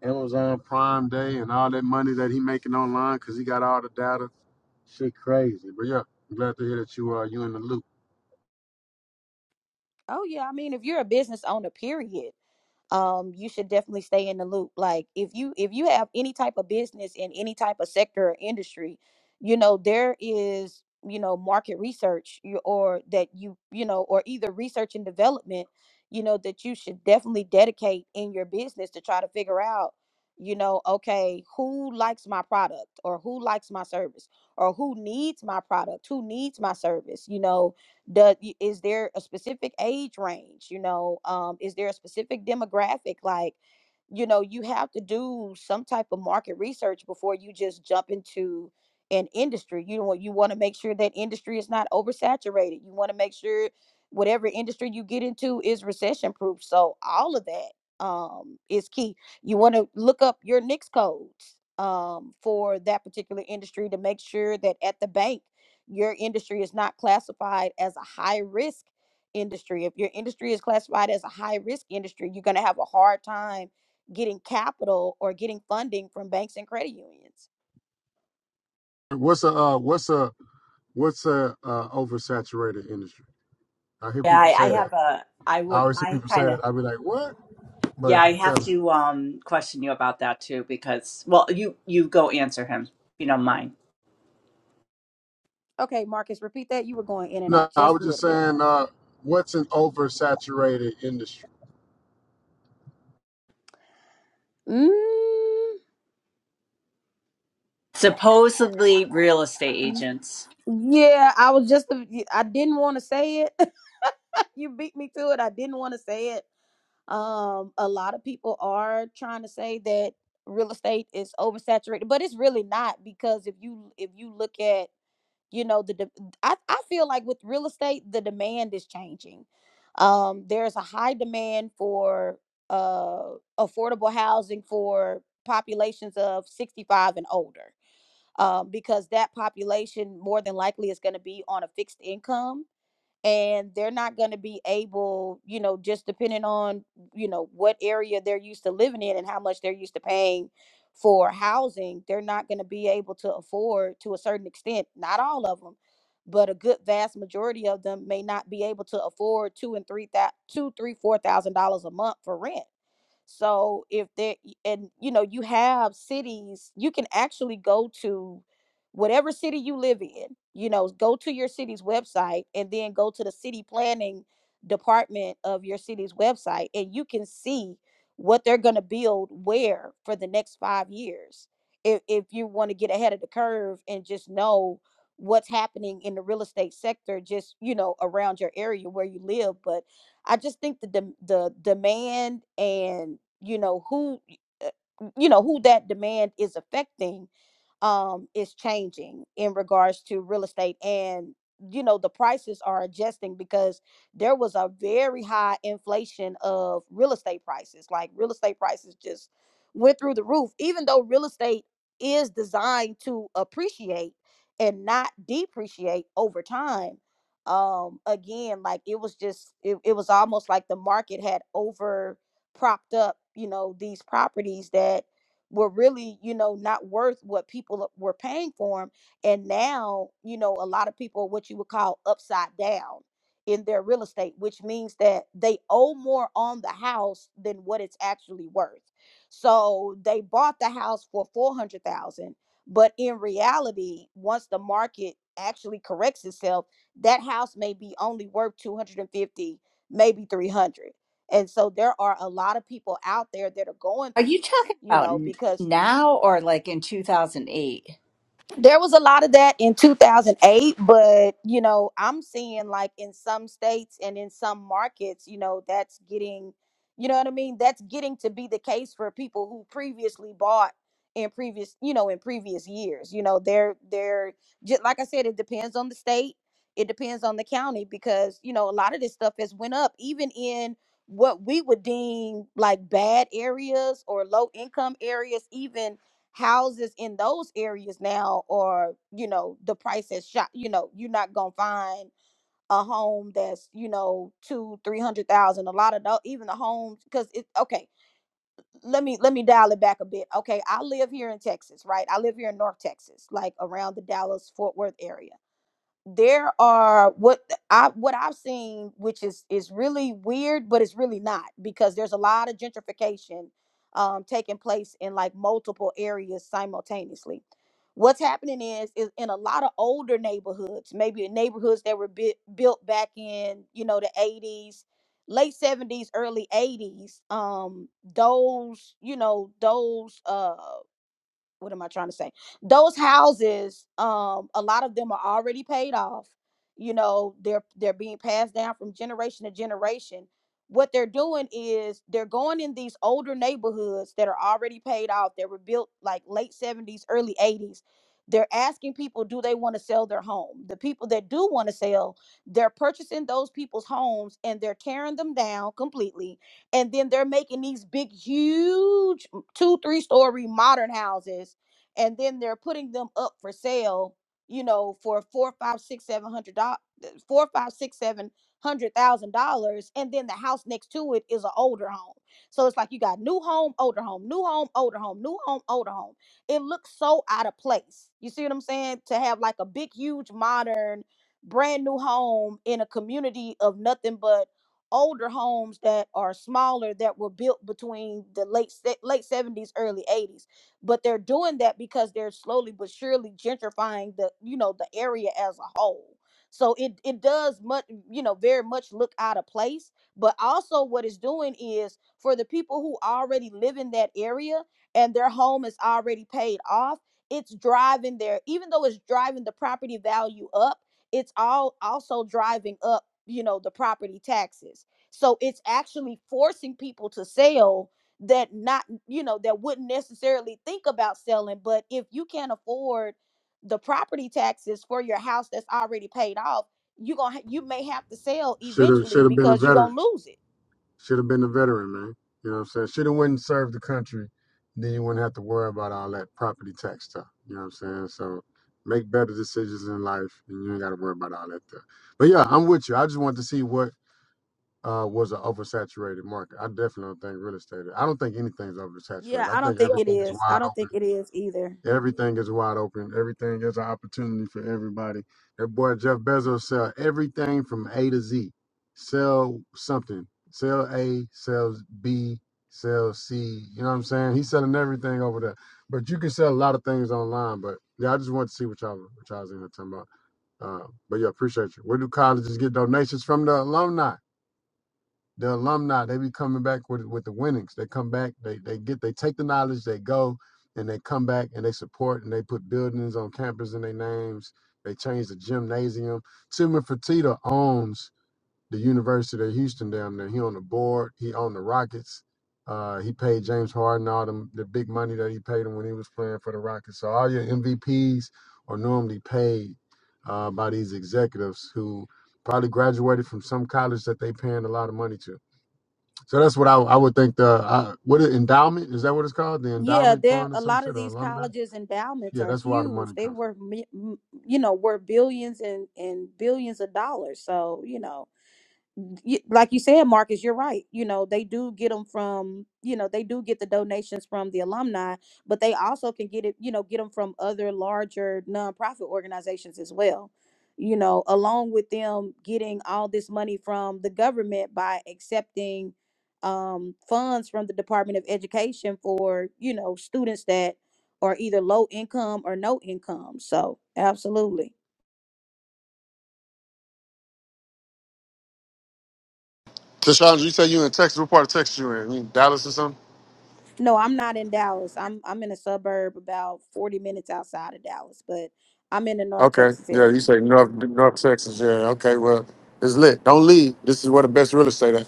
Speaker 9: and Amazon Prime Day and all that money that he making online because he got all the data. Shit, crazy. But yeah, I'm glad to hear that you uh, you in the loop.
Speaker 7: oh yeah i mean if you're a business owner period um you should definitely stay in the loop like if you if you have any type of business in any type of sector or industry you know there is you know market research you, or that you you know or either research and development you know that you should definitely dedicate in your business to try to figure out you know okay who likes my product or who likes my service or who needs my product who needs my service you know does y- is there a specific age range? You know, um, is there a specific demographic? Like, you know, you have to do some type of market research before you just jump into an industry. You know, you want to make sure that industry is not oversaturated. You want to make sure whatever industry you get into is recession proof. So all of that um, is key. You want to look up your NICS codes um, for that particular industry to make sure that at the bank your industry is not classified as a high risk industry. If your industry is classified as a high risk industry, you're going to have a hard time getting capital or getting funding from banks and credit unions.
Speaker 9: What's a uh, what's a what's a uh, oversaturated industry? I hear
Speaker 8: Yeah,
Speaker 9: people
Speaker 8: I,
Speaker 9: say
Speaker 8: I
Speaker 9: that.
Speaker 8: have a. I
Speaker 9: I
Speaker 8: would.
Speaker 9: always hear
Speaker 8: I
Speaker 9: people say
Speaker 8: kind of.
Speaker 9: that. I'd be like, what? But
Speaker 8: Yeah, I have
Speaker 9: tell me.
Speaker 8: to um question you about that too because well, you you go answer him. if You don't mind.
Speaker 7: Okay, Marcus, repeat that. You were going in and out
Speaker 9: No, I
Speaker 7: just
Speaker 9: was
Speaker 7: a
Speaker 9: just
Speaker 7: little bit.
Speaker 9: saying, uh, what's an oversaturated industry?
Speaker 7: Mm,
Speaker 8: Supposedly real estate
Speaker 7: y-
Speaker 8: agents.
Speaker 7: yeah, I was just, I didn't want to say it. you beat me to it. I didn't want to say it. Um, a lot of people are trying to say that real estate is oversaturated, but it's really not because if you if you look at you know the de- I, I feel like with real estate the demand is changing. Um, there's a high demand for uh, affordable housing for populations of 65 and older um, because that population more than likely is going to be on a fixed income and they're not going to be able you know just depending on you know what area they're used to living in and how much they're used to paying for housing they're not going to be able to afford to a certain extent not all of them but a good vast majority of them may not be able to afford two and three thousand two three four thousand dollars a month for rent so if there and you know you have cities, you can actually go to whatever city you live in. You know, go to your city's website and then go to the city planning department of your city's website and you can see what they're going to build where for the next 5 years. If if you want to get ahead of the curve and just know what's happening in the real estate sector just, you know, around your area where you live, but I just think the dem the demand and you know who uh, you know who that demand is affecting um is changing in regards to real estate and you know the prices are adjusting because there was a very high inflation of real estate prices like real estate prices just went through the roof even though real estate is designed to appreciate and not depreciate over time um again like it was just it, it was almost like the market had over propped up you know these properties that were really you know not worth what people were paying for them and now you know a lot of people are what you would call upside down in their real estate which means that they owe more on the house than what it's actually worth so they bought the house for 400,000 but in reality once the market actually corrects itself that house may be only worth 250 maybe 300 and so there are a lot of people out there that are going
Speaker 8: Are
Speaker 7: through
Speaker 8: you
Speaker 7: this
Speaker 8: talking
Speaker 7: you
Speaker 8: about
Speaker 7: know
Speaker 8: n-
Speaker 7: because
Speaker 8: now or like in 2008?
Speaker 7: there was a lot of that in 2008 but you know i'm seeing like in some states and in some markets you know that's getting you know what i mean that's getting to be the case for people who previously bought in previous you know in previous years you know they're they're just like i said it depends on the state it depends on the county because you know a lot of this stuff has went up even in what we would deem like bad areas or low income areas even houses in those areas now are you know the price has shot you know you're not gonna find a home that's you know two three hundred thousand a lot of those even the homes because it okay let me let me dial it back a bit okay i live here in texas right i live here in north texas like around the dallas fort worth area there are what I what I've seen, which is is really weird, but it's really not because there's a lot of gentrification um, taking place in like multiple areas simultaneously. What's happening is is in a lot of older neighborhoods, maybe in neighborhoods that were bui- built back in you know the 80s, late 70s, early 80s. Um, those you know those uh what am I trying to say? Those houses, um, a lot of them are already paid off. You know, they're they're being passed down from generation to generation. What they're doing is they're going in these older neighborhoods that are already paid off. They were built like late 70s, early 80s. They're asking people, do they want to sell their home? The people that do want to sell, they're purchasing those people's homes and they're tearing them down completely. And then they're making these big, huge m- two three story modern houses and then they're putting them up for sale you know for four five six seven hundred dollars four five six seven hundred thousand dollars and then the house next to it is an older home so it's like you got new home older home new home older home new home older home it looks so out of place you see what i'm saying to have like a big huge modern brand new home in a community of nothing but older homes that are smaller that were built between the late se- late 70s early 80s but they're doing that because they're slowly but surely gentrifying the you know the area as a whole so it it does much you know very much look out of place but also what it's doing is for the people who already live in that area and their home is already paid off it's driving their even though it's driving the property value up it's all also driving up you know the property taxes so it's actually forcing people to sell that not you know that wouldn't necessarily think about selling but if you can't afford the property taxes for your house that's already paid off you going to you may have to sell
Speaker 9: Should have should
Speaker 7: eventually
Speaker 9: have been a
Speaker 7: because you're
Speaker 9: veteran.
Speaker 7: going to lose it
Speaker 9: Should have been a veteran, man. You know what I'm saying? Should have went and served the country. Then you wouldn't have to worry about all that property tax stuff. You know what I'm saying? So make better decisions in life and you ain't gotta worry about all that stuff. But yeah, I'm with you. I just wanted to see what uh, was an oversaturated market. I definitely don't think real estate. is. I don't think anything's
Speaker 7: yeah
Speaker 9: oversaturated. I
Speaker 7: i don't
Speaker 9: think
Speaker 7: think it
Speaker 9: everything is
Speaker 7: is i
Speaker 9: wide
Speaker 7: don't
Speaker 9: open
Speaker 7: think it is either
Speaker 9: Everything is wide open. Everything is an opportunity for everybody. That boy Jeff Bezos sell everything from A to Z. Sell something. Sell A, sell B, sell C. You know what I'm saying? He's selling everything over there. But you can sell a lot of things online. But yeah, I just want to see what y'all what y'all's in here talking about. Uh, but yeah, appreciate you. Where do colleges get donations from the alumni? the alumni they be coming back with with the winnings they come back they they get they take the knowledge they go and they come back and they support and they put buildings on campus in their names they change the gymnasium Timmy Fertitta owns the University of Houston down there he on the board he owned the Rockets uh, he paid James Harden all them, the big money that he paid him when he was playing for the Rockets. So all your MVPs are normally paid uh, by these executives who probably graduated from some college that they paying a lot of money to. So that's what I, I would think. The uh, what is endowment is that what it's called? The
Speaker 7: Yeah,
Speaker 9: endowment
Speaker 7: there
Speaker 9: fund or
Speaker 7: a
Speaker 9: some
Speaker 7: lot of
Speaker 9: shit or
Speaker 7: these
Speaker 9: alumni?
Speaker 7: colleges endowments
Speaker 9: Yeah,
Speaker 7: are
Speaker 9: that's where all the
Speaker 7: huge.
Speaker 9: money
Speaker 7: They
Speaker 9: comes from.
Speaker 7: were, mi- m- you know, were billions and and billions of dollars. So you know, you, like you said, Marcus, you're right. You know, they do get them from, you know, they do get the donations from the alumni, but they also can get it, you know, get them from other larger nonprofit organizations as well. You know, along with them getting all this money from the government by accepting um, funds from the Department of Education for, you know, students that are either low income or no income. So, absolutely.
Speaker 9: Tashandra, you say you in Texas? What part of Texas you in? You in Dallas or something?
Speaker 7: No, I'm not in Dallas. I'm I'm in a suburb about 40 minutes outside of Dallas, but I'm in the North
Speaker 9: Okay.
Speaker 7: Texas
Speaker 9: Yeah, you
Speaker 7: area.
Speaker 9: say North North Texas. Yeah. Okay. Well, it's lit. Don't leave. This is where the best real estate at.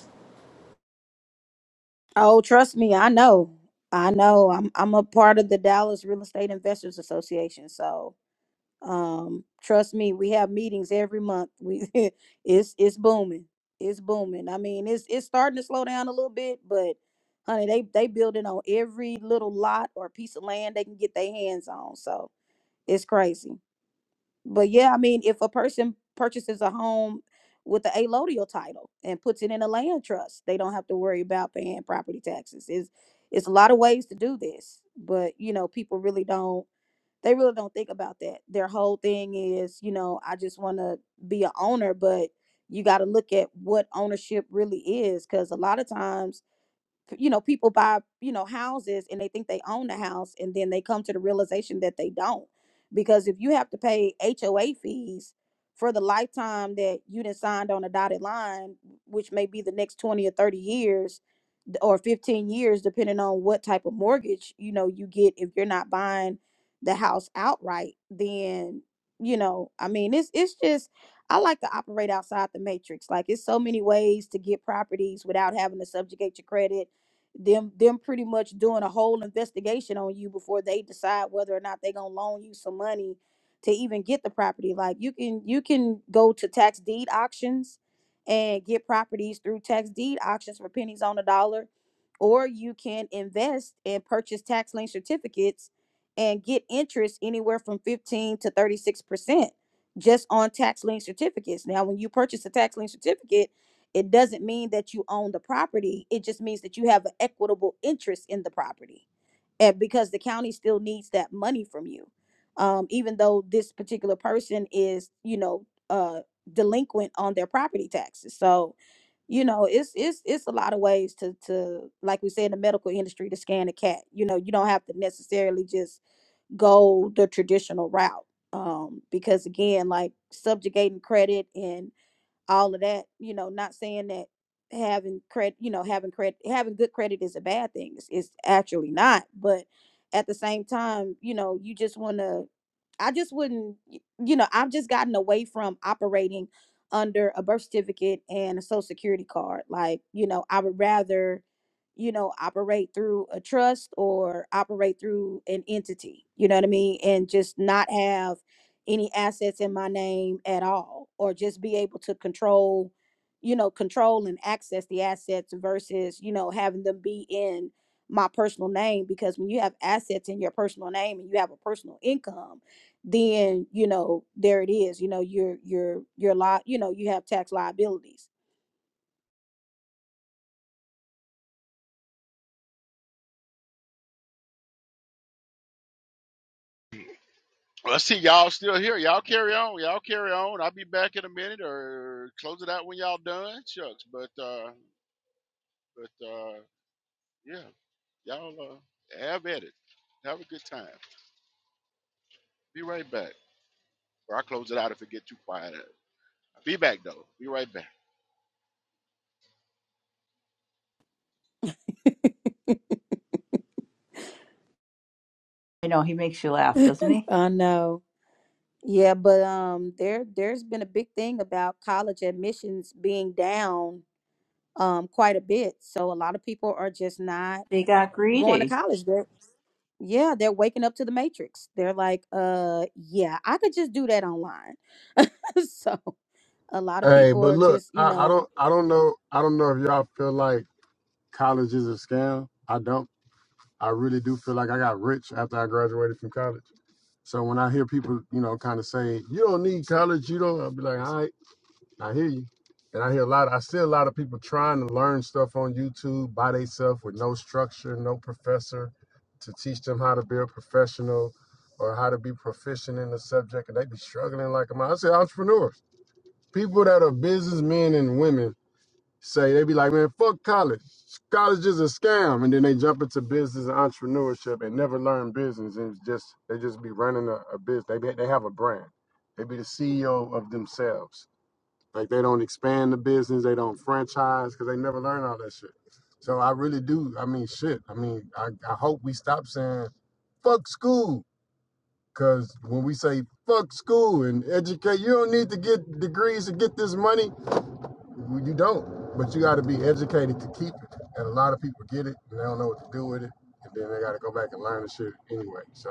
Speaker 7: Oh, trust me, I know. I know. I'm I'm a part of the Dallas Real Estate Investors Association, so um trust me, we have meetings every month. We it's it's booming. It's booming. I mean, it's it's starting to slow down a little bit, but honey, they they building on every little lot or piece of land they can get their hands on. So, it's crazy. but yeah, I mean, if a person purchases a home with the allodial title and puts it in a land trust, they don't have to worry about paying property taxes. It's it's a lot of ways to do this, but you know, people really don't they really don't think about that. Their whole thing is, you know, I just want to be a owner, but you got to look at what ownership really is cuz a lot of times you know people buy you know houses and they think they own the house and then they come to the realization that they don't because if you have to pay HOA fees for the lifetime that you done signed on a dotted line which may be the next 20 or 30 years d- or 15 years depending on what type of mortgage you know you get if you're not buying the house outright then you know I mean it's it's just I like to operate outside the matrix like it's so many ways to get properties without having to subjugate your credit them them pretty much doing a whole investigation on you before they decide whether or not they're gonna loan you some money to even get the property like you can you can go to tax deed auctions and get properties through tax deed auctions for pennies on the dollar or you can invest and purchase tax lien certificates and get interest anywhere from 15 to 36 percent just on tax lien certificates now when you purchase a tax lien certificate it doesn't mean that you own the property it just means that you have an equitable interest in the property and because the county still needs that money from you um, even though this particular person is you know uh, delinquent on their property taxes so you know it's it's it's a lot of ways to to like we say in the medical industry to scan a cat you know you don't have to necessarily just go the traditional route um, because again like subjugating credit and all of that you know not saying that having credit you know having credit having good credit is a bad thing it's, it's actually not but at the same time you know you just want to i just wouldn't y- you know i've just gotten away from operating under a birth certificate and a social security card like you know i would rather you know operate through a trust or operate through an entity you know what i mean and just not have any assets in my name at all or just be able to control you know control and access the assets versus you know having them be in my personal name because when you have assets in your personal name and you have a personal income then you know there it is you know you're you're you're li- you know you have tax liabilities
Speaker 3: Well, I see y'all still here. Y'all carry on. Y'all carry on. I'll be back in a minute or close it out when y'all done. Shucks. But uh but uh yeah, y'all uh have at it. Have a good time. Be right back. Or I'll close it out if it get too quiet. uh, Be back though. Be right back.
Speaker 8: I know he makes you laugh, doesn't he?
Speaker 7: i know yeah but um there there's been a big thing about college admissions being down um quite a bit so a lot of people are just not
Speaker 8: They got
Speaker 7: going to
Speaker 8: greedy.
Speaker 7: college they're yeah they're waking up to the matrix they're like uh yeah i could just do that online so a lot of
Speaker 9: Hey,
Speaker 7: people
Speaker 9: but
Speaker 7: are
Speaker 9: look,
Speaker 7: just you
Speaker 9: I, I
Speaker 7: know
Speaker 9: don't I don't know I don't know if y'all feel like college is a scam. I don't. I really do feel like I got rich after I graduated from college. So when I hear people, you know, kind of saying you don't need college, you don't, I'll be like, all right. I hear you. And I hear a lot, I see a lot of people trying to learn stuff on YouTube by themselves with no structure, no professor to teach them how to be a professional or how to be proficient in the subject. And they be struggling like a man. I say entrepreneurs, people that are businessmen and women say, they be like, man, fuck college. College is a scam. And then they jump into business and entrepreneurship and never learn business. And it's just, they just be running a, a business. They, be, they have a brand. They be the CEO of themselves like they don't expand the business, they don't franchise because they never learn all that shit. So I really do. I mean, shit. I mean, I, I hope we stop saying fuck school because when we say fuck school and educate, you don't need to get degrees to get this money. Well, You don't, but you got to be educated to keep it. And a lot of people get it and they don't know what to do with it, and then they got to go back and learn the shit anyway. So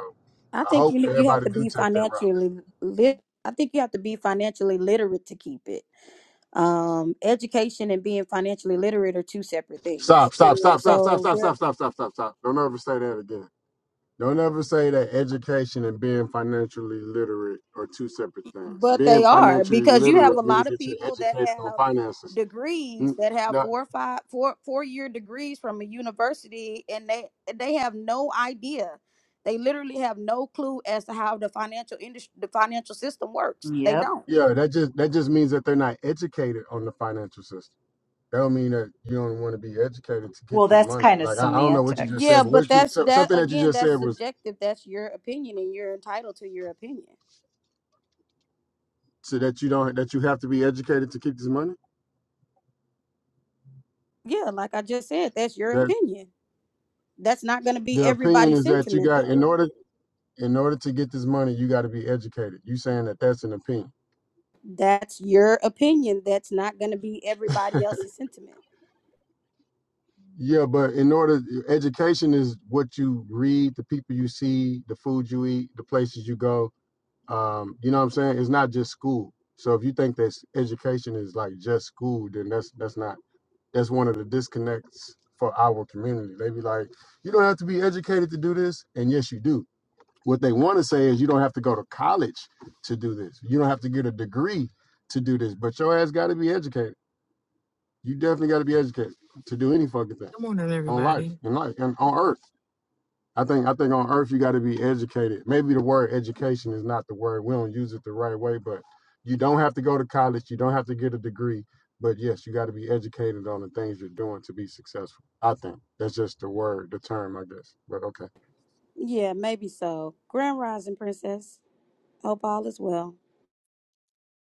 Speaker 7: i
Speaker 9: I
Speaker 7: think
Speaker 9: hope
Speaker 7: you you have
Speaker 9: everybody
Speaker 7: to
Speaker 9: do
Speaker 7: be
Speaker 9: take that route.
Speaker 7: financially lit i think you have to be financially literate to keep it um education and being financially literate are two separate
Speaker 9: Stop!
Speaker 7: things
Speaker 9: Stop! Stop! Stop! Stop!
Speaker 7: so
Speaker 9: Stop! Stop!
Speaker 7: there
Speaker 9: Stop! Stop! Stop! Stop! stop. Don't ever say that again. Don't ever say that education and being financially literate are two separate things.
Speaker 7: But they
Speaker 9: Being
Speaker 7: are
Speaker 9: financially
Speaker 7: because you have
Speaker 9: literate
Speaker 7: a lot
Speaker 9: means
Speaker 7: of
Speaker 9: that you're
Speaker 7: people that
Speaker 9: educated on
Speaker 7: have
Speaker 9: finances.
Speaker 7: degrees
Speaker 9: N-
Speaker 7: that have
Speaker 9: no-
Speaker 7: four or five four four year degrees from a university and they they have no idea. They literally have no clue as to how the financial industry the financial system works. They
Speaker 8: Yep.
Speaker 7: don't.
Speaker 9: yeah, that just that just means that they're not educated on the financial system. That don't mean that you don't want to be educated to get
Speaker 8: Well,
Speaker 9: this
Speaker 8: that's
Speaker 9: money.
Speaker 8: kind of
Speaker 9: Like I, I don't know what you just
Speaker 8: semantics.
Speaker 7: Yeah,
Speaker 9: said, but
Speaker 7: but
Speaker 9: what you
Speaker 7: that's
Speaker 9: so,
Speaker 7: that
Speaker 9: something that you
Speaker 7: again,
Speaker 9: just
Speaker 7: that's
Speaker 9: said was
Speaker 7: subjective. That's your opinion and you're entitled to your opinion.
Speaker 9: so that you don't that you have to be educated to keep this money.
Speaker 7: Yeah, like I just said, that's your
Speaker 9: That
Speaker 7: opinion. That's not gonna be
Speaker 9: the opinion
Speaker 7: everybody's
Speaker 9: is that you
Speaker 7: sentiment
Speaker 9: got
Speaker 7: though.
Speaker 9: in order in order to get this money, you got to be educated. You saying that that's an opinion.
Speaker 7: That's your opinion. That's not going to be everybody else's sentiment.
Speaker 9: Yeah, but in order, education is what you read, the people you see, the food you eat, the places you go. Um, you know what I'm saying? It's not just school. So if you think that education is like just school, then that's that's not that's one of the disconnects for our community. They be like, you don't have to be educated to do this, and yes, you do. What they want to say is you don't have to go to college to do this. You don't have to get a degree to do this. But your ass got to be educated. You definitely got to be educated to do any fucking thing
Speaker 10: Good morning,
Speaker 9: on life
Speaker 10: everybody.
Speaker 9: in life and on earth. I think I think on earth you got to be educated. Maybe the word education is not the word. We don't use it the right way, but you don't have to go to college. You don't have to get a degree. But yes, you got to be educated on the things you're doing to be successful. I think that's just the word, the term, I guess. But okay.
Speaker 7: Yeah, maybe so. Grand Rising, Princess. Hope all is well.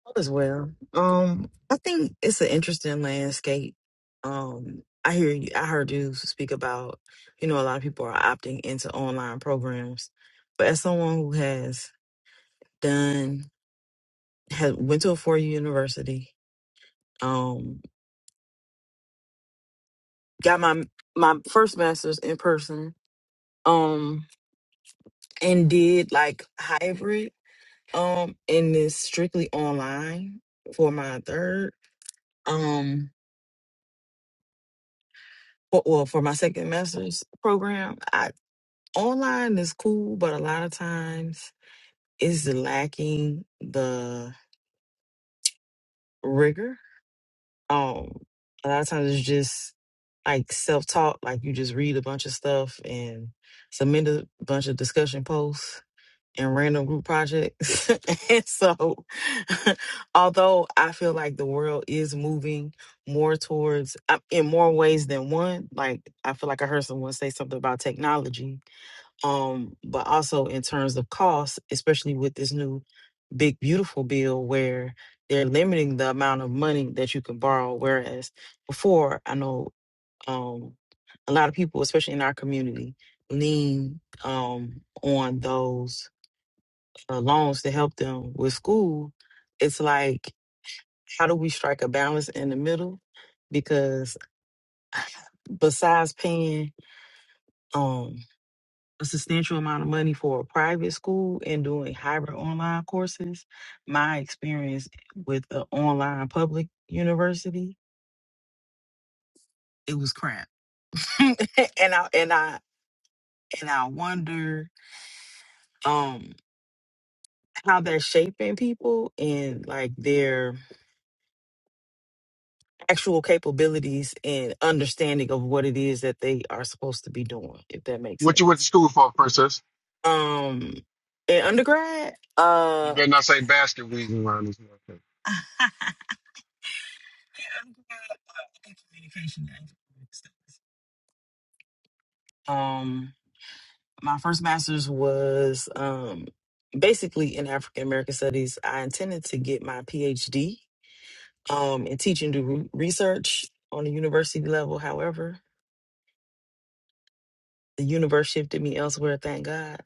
Speaker 10: All is well. Um, I think it's an interesting landscape. Um, I hear you. I heard you speak about, you know, a lot of people are opting into online programs, but as someone who has done, has went to a four year university, um, got my my first master's in person, um, and did like hybrid, um, and is strictly online for my third. Um, for well for my second master's program i online is cool but a lot of times it's lacking the rigor um a lot of times it's just like self-taught like you just read a bunch of stuff and submit a bunch of discussion posts and random group projects and so although i feel like the world is moving more towards uh, in more ways than one like i feel like i heard someone say something about technology um, but also in terms of cost, especially with this new big beautiful bill where they're limiting the amount of money that you can borrow. Whereas before, I know um, a lot of people, especially in our community, lean um, on those uh, loans to help them with school. It's like, how do we strike a balance in the middle? Because besides paying, um, a substantial amount of money for a private school and doing hybrid online courses, my experience with an online public university, it was crap. and I and I and I wonder um how that's shaping people and like their actual capabilities and understanding of what it is that they are supposed to be doing, if that makes
Speaker 9: What you went to
Speaker 10: sense.
Speaker 9: school for, princess?
Speaker 10: Um in undergrad,
Speaker 9: You
Speaker 10: uh
Speaker 9: better not say basket weaving around this motherfucker.
Speaker 10: I'm good at communication management. Um, my first master's was um, basically in African American studies. I intended to get my PhD um, in teaching to re- research on the university level. However, the universe shifted me elsewhere. Thank God.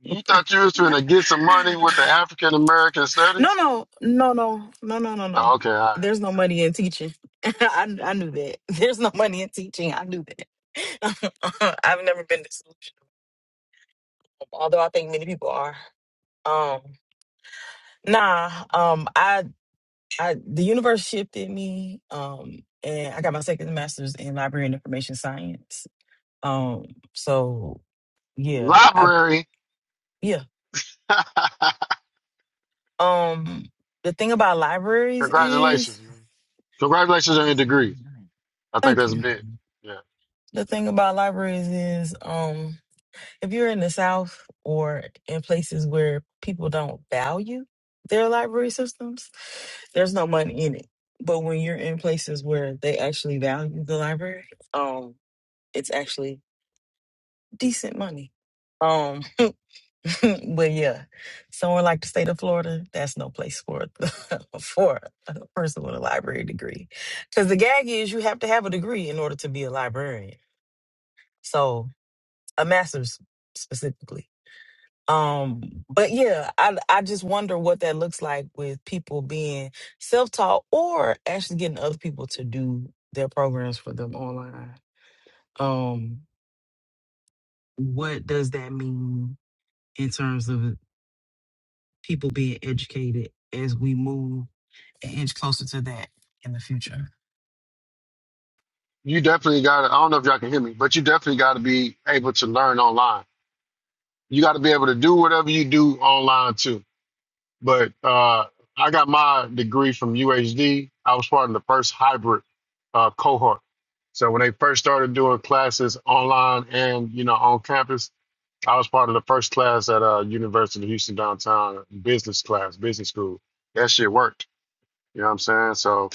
Speaker 9: You thought you was trying to get some money with the African American
Speaker 10: no,
Speaker 9: studies?
Speaker 10: no, no, no, no, no, no, no.
Speaker 9: Oh, okay, all right.
Speaker 10: There's no money in teaching. I I knew that. There's no money in teaching. I knew that. I've never been disillusioned. although I think many people are. Um, nah, um, I, I, the universe shifted me, um, and I got my second master's in library and information science. Um, so yeah, I,
Speaker 9: Library.
Speaker 10: yeah. Um, the thing about libraries is,
Speaker 9: Congratulations, man. Congratulations on your degree. I think
Speaker 10: thank
Speaker 9: that's
Speaker 10: you.
Speaker 9: big. Yeah.
Speaker 10: The thing about libraries is, um, if you're in the South or in places where people don't value their library systems, there's no money in it. But when you're in places where they actually value the library, um, it's actually decent money. Um, but yeah, somewhere like the state of Florida, that's no place for a- for a person with a library degree, because the gag is you have to have a degree in order to be a librarian. So a master's specifically. um but yeah i i just wonder what that looks like with people being self-taught or actually getting other people to do their programs for them online um what does that mean in terms of people being educated as we move an inch closer to that in the future.
Speaker 9: You definitely got to, I don't know if y'all can hear me, but you definitely got to be able to learn online. You got to be able to do whatever you do online too. But uh, I got my degree from UHD. I was part of the first hybrid uh, cohort. So when they first started doing classes online and, you know, on campus, I was part of the first class at uh, University of Houston downtown business class, business school. That shit worked. You know what I'm saying? So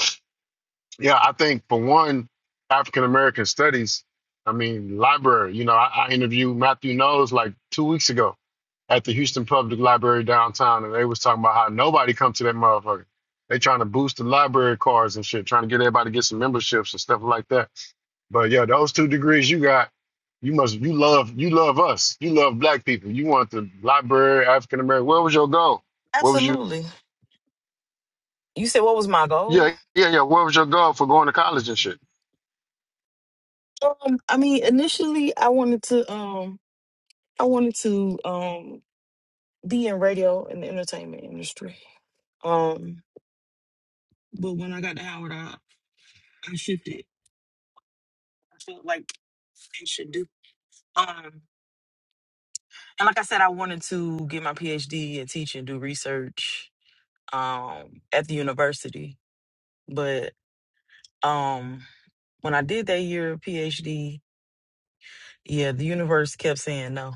Speaker 9: Yeah, I think for one, African American studies, I mean, library, you know, I, I interviewed Matthew Knowles like two weeks ago at the Houston Public Library downtown, and they was talking about how nobody come to that motherfucker. They trying to boost the library cards and shit, trying to get everybody to get some memberships and stuff like that. But yeah, those two degrees you got, you must you love you love us. You love black people. You want the library, African American. Where was your goal? Where was you
Speaker 10: Absolutely. You said what was my goal?
Speaker 9: yeah, yeah, yeah. Where was your goal for going to college and shit?
Speaker 10: Um, I mean, initially, I wanted to, um, I wanted to, um, be in radio and the entertainment industry. Um, but when I got to Howard, I, I shifted. I felt like it should do. Um, and like I said, I wanted to get my PhD and teach and do research, um, at the university. But, um, when I did that year of PhD, yeah, the universe kept saying no.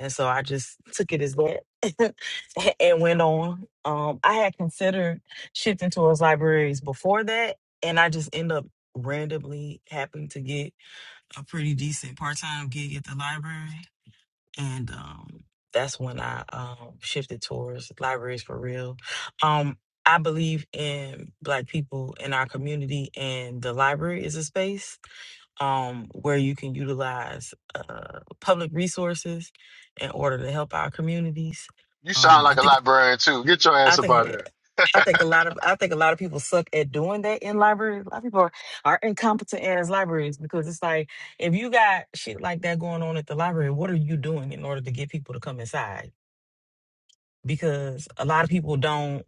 Speaker 10: And so I just took it as that and went on. Um, I had considered shifting towards libraries before that, and I just end up randomly happened to get a pretty decent part-time gig at the library. And um, that's when I um, shifted towards libraries for real. Um, I believe in Black people in our community, and the library is a space um, where you can utilize uh, public resources in order to help our communities.
Speaker 9: You
Speaker 10: Um,
Speaker 9: sound
Speaker 10: I
Speaker 9: like a
Speaker 10: think
Speaker 9: librarian too. Get your
Speaker 10: I
Speaker 9: ass up out of
Speaker 10: think
Speaker 9: here.
Speaker 10: I think a lot of I think a lot of people suck at doing that in libraries. A lot of people are, are incompetent as libraries because it's like if you got shit like that going on at the library, what are you doing in order to get people to come inside? Because a lot of people don't.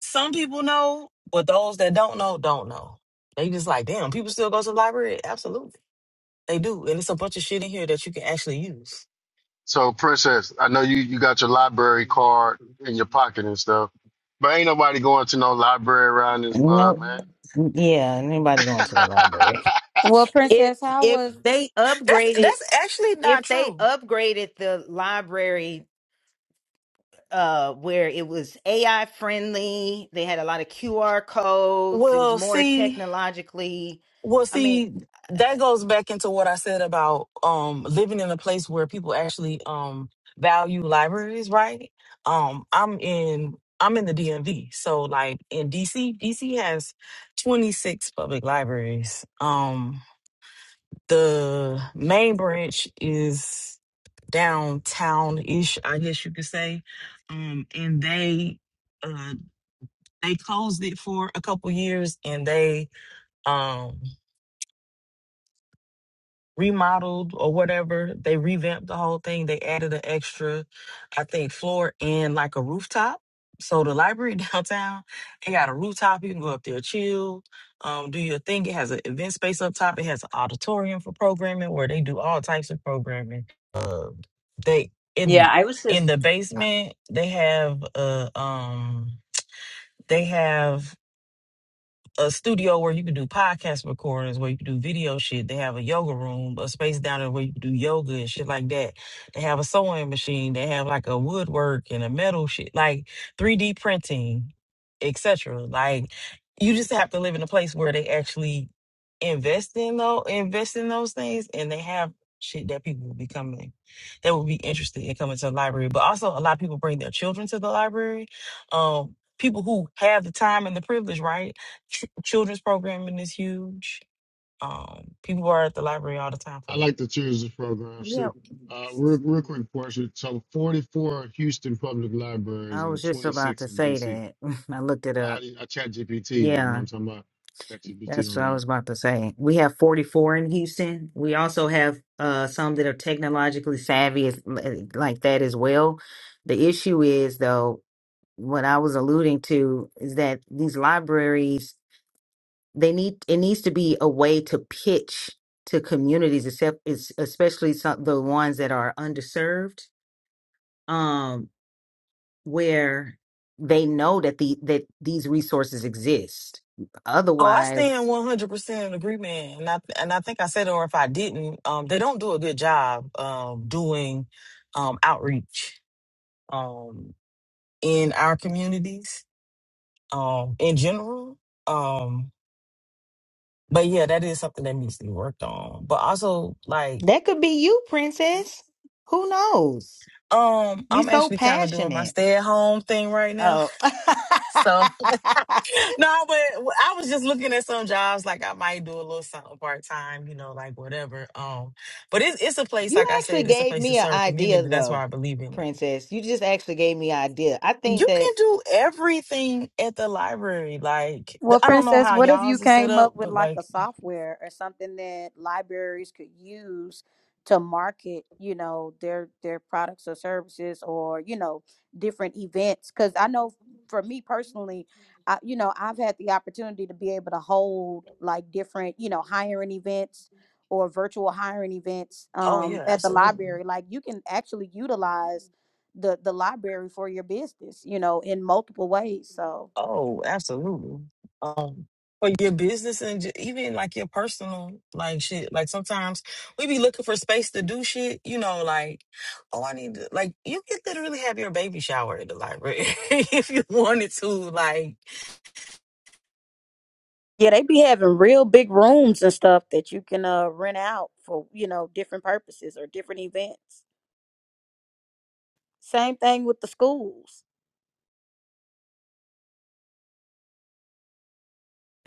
Speaker 10: Some people know, but those that don't know don't know. They just like, damn, people still go to the library. Absolutely. They do, and it's a bunch of shit in here that you can actually use.
Speaker 9: So, Princess, I know you you got your library card in your pocket and stuff, but ain't nobody going to no library around this mug,
Speaker 11: No,
Speaker 9: man.
Speaker 11: yeah, anybody going to the
Speaker 9: I
Speaker 11: library?
Speaker 7: Well,
Speaker 11: if
Speaker 7: Princess, how
Speaker 11: if
Speaker 7: was
Speaker 11: they
Speaker 10: That's
Speaker 11: upgraded
Speaker 10: that's actually not
Speaker 11: if they
Speaker 10: true.
Speaker 11: upgraded the library uh where it was AI friendly, they had a lot of QR codes, it was
Speaker 10: Well,
Speaker 11: more
Speaker 10: see,
Speaker 11: technologically
Speaker 10: well,
Speaker 11: I mean
Speaker 10: see,
Speaker 11: uh,
Speaker 10: that goes back into what I said about um living in a place where people actually um value libraries, right? Um, I'm in I'm in the DMV, so like in DC, DC has 26 public libraries. Um, The main branch is downtown ish, I guess you could say. Um, and they uh they closed it for a couple years and they um remodeled or whatever. They revamped the whole thing. They added an extra, I think, floor and like a rooftop. So the library downtown, it got a rooftop. You can go up there, chill, um, do your thing. It has an event space up top. It has an auditorium for programming where they do all types of programming. Uh, they
Speaker 8: Yeah,
Speaker 10: in
Speaker 8: I was
Speaker 10: in
Speaker 8: just
Speaker 10: the
Speaker 11: I,
Speaker 10: basement they have a um they have a studio where you can do podcast recordings, where you can do video shit. They have a yoga room, a space down there where you can do yoga and shit like that. They have a sewing machine. They have like a woodwork and a metal shit, like 3D printing, etc. Like you just have to live in a place where they actually invest in those invest in those things, and they have shit that people will be coming that will be interested in coming to the library. But also, a lot of people bring their children to the library. Um, people who have the time and the privilege, right? Ch- children's programming is huge. Um, people are at the library all the time for that.
Speaker 9: like to choose the programs
Speaker 11: yeah,
Speaker 9: too. Uh, real, real quick question. So, 44 Houston public libraries
Speaker 11: I
Speaker 9: and
Speaker 11: was just about
Speaker 9: 26
Speaker 11: to
Speaker 9: in
Speaker 11: say
Speaker 9: DC.
Speaker 11: that. I looked it
Speaker 9: I, I, I
Speaker 11: up.
Speaker 9: chat GPT, you know
Speaker 11: Yeah,
Speaker 9: what I'm talking about? Chat GPT
Speaker 11: That's what I
Speaker 9: online.
Speaker 11: was about to say. We have 44 in Houston. We also have uh, some that are technologically savvy as, like that as well. The issue is, though, what I was alluding to is that these libraries, they need it needs to be a way to pitch to communities, except it's especially some, the ones that are underserved, um, where they know that the that these resources exist.
Speaker 10: Oh, I
Speaker 11: Otherwise,
Speaker 10: stand one hundred percent in agreement, and I and I think I said it, or if I didn't, um, they don't do a good job um, doing um, outreach um, in our communities um, in general. Um, but yeah, that is something that needs to be worked on. But also, like,
Speaker 11: That could be you, princess. Who knows?
Speaker 10: um,
Speaker 11: You're
Speaker 10: I'm
Speaker 11: so
Speaker 10: actually kind of doing my
Speaker 11: passionate.
Speaker 10: stay at home thing right now,
Speaker 11: Oh.
Speaker 10: so No, but I was just looking at some jobs like I might do a little something part time, you know, like whatever. Um, but it's it's a place,
Speaker 11: you
Speaker 10: like I
Speaker 11: actually
Speaker 10: said, it's a
Speaker 11: gave
Speaker 10: place to
Speaker 11: me an
Speaker 10: serve
Speaker 11: idea
Speaker 10: community. That's why
Speaker 11: though,
Speaker 10: I believe in it.
Speaker 11: princess. You just actually gave me an idea. I think
Speaker 10: You
Speaker 11: that
Speaker 10: can do everything at the library. Like
Speaker 7: Well,
Speaker 10: I don't know
Speaker 7: Princess,
Speaker 10: how
Speaker 7: what if you
Speaker 10: y'all's is set
Speaker 7: came
Speaker 10: up,
Speaker 7: up with
Speaker 10: but
Speaker 7: like a
Speaker 10: like,
Speaker 7: software or something that libraries could use to market, you know, their their products or services or, you know, different events? Cuz I know for me personally, I you know, I've had the opportunity to be able to hold like different, you know, hiring events or virtual hiring events
Speaker 10: oh
Speaker 7: um
Speaker 10: yeah,
Speaker 7: at the
Speaker 10: absolutely.
Speaker 7: library. Like you can actually utilize the the library for your business, you know, in multiple ways. So,
Speaker 10: Oh, absolutely. Um, for your business and ju- even like your personal like shit. Like sometimes we be looking for space to do shit. You know, like oh, I need to like you could literally have your baby shower at the library if you wanted to. Like
Speaker 7: Yeah, they be having real big rooms and stuff that you can uh rent out for, you know, different purposes or different events. Same thing with the schools.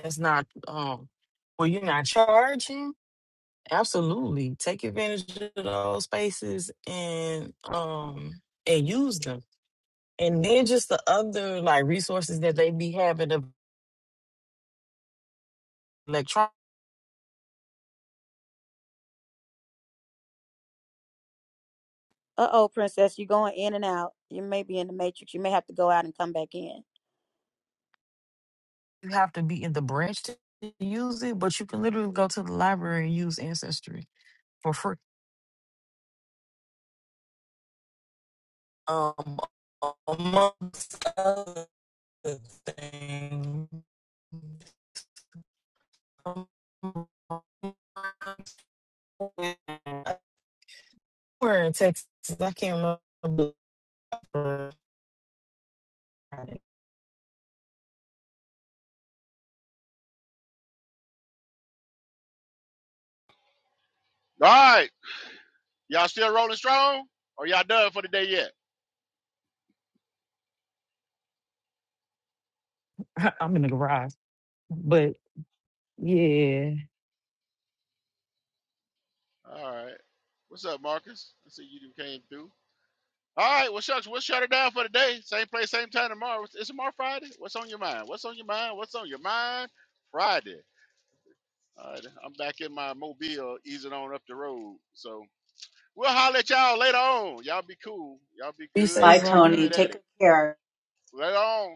Speaker 10: it's not um, well, you're not charging. Absolutely, take advantage of those spaces and um and use them. And then just the other like resources that they be having of electronics
Speaker 7: Uh oh, princess, you're going in and out. You may be in the matrix. You may have to go out and come back in.
Speaker 10: you have to be in the branch to use it, but you can literally go to the library and use Ancestry for free. Um, amongst other things, we're in Texas. I can't remember.
Speaker 3: All right. Y'all still rolling strong? Or y'all done for the day yet?
Speaker 10: I'm in the garage, but yeah,
Speaker 3: All right. What's up, Marcus? I see you came through. All right, well, shucks, we'll shut it down for the day. Same place, same time tomorrow. it's tomorrow Friday. What's on your mind? What's on your mind? What's on your mind? Friday. All right, I'm back in my mobile, easing on up the road. So we'll holler at y'all later on. Y'all be cool. Y'all be
Speaker 10: be
Speaker 3: good
Speaker 8: bye
Speaker 10: safe,
Speaker 3: or be
Speaker 10: brother.
Speaker 8: Tony.
Speaker 3: good at
Speaker 8: Take good
Speaker 3: it.
Speaker 8: care.
Speaker 3: Later on.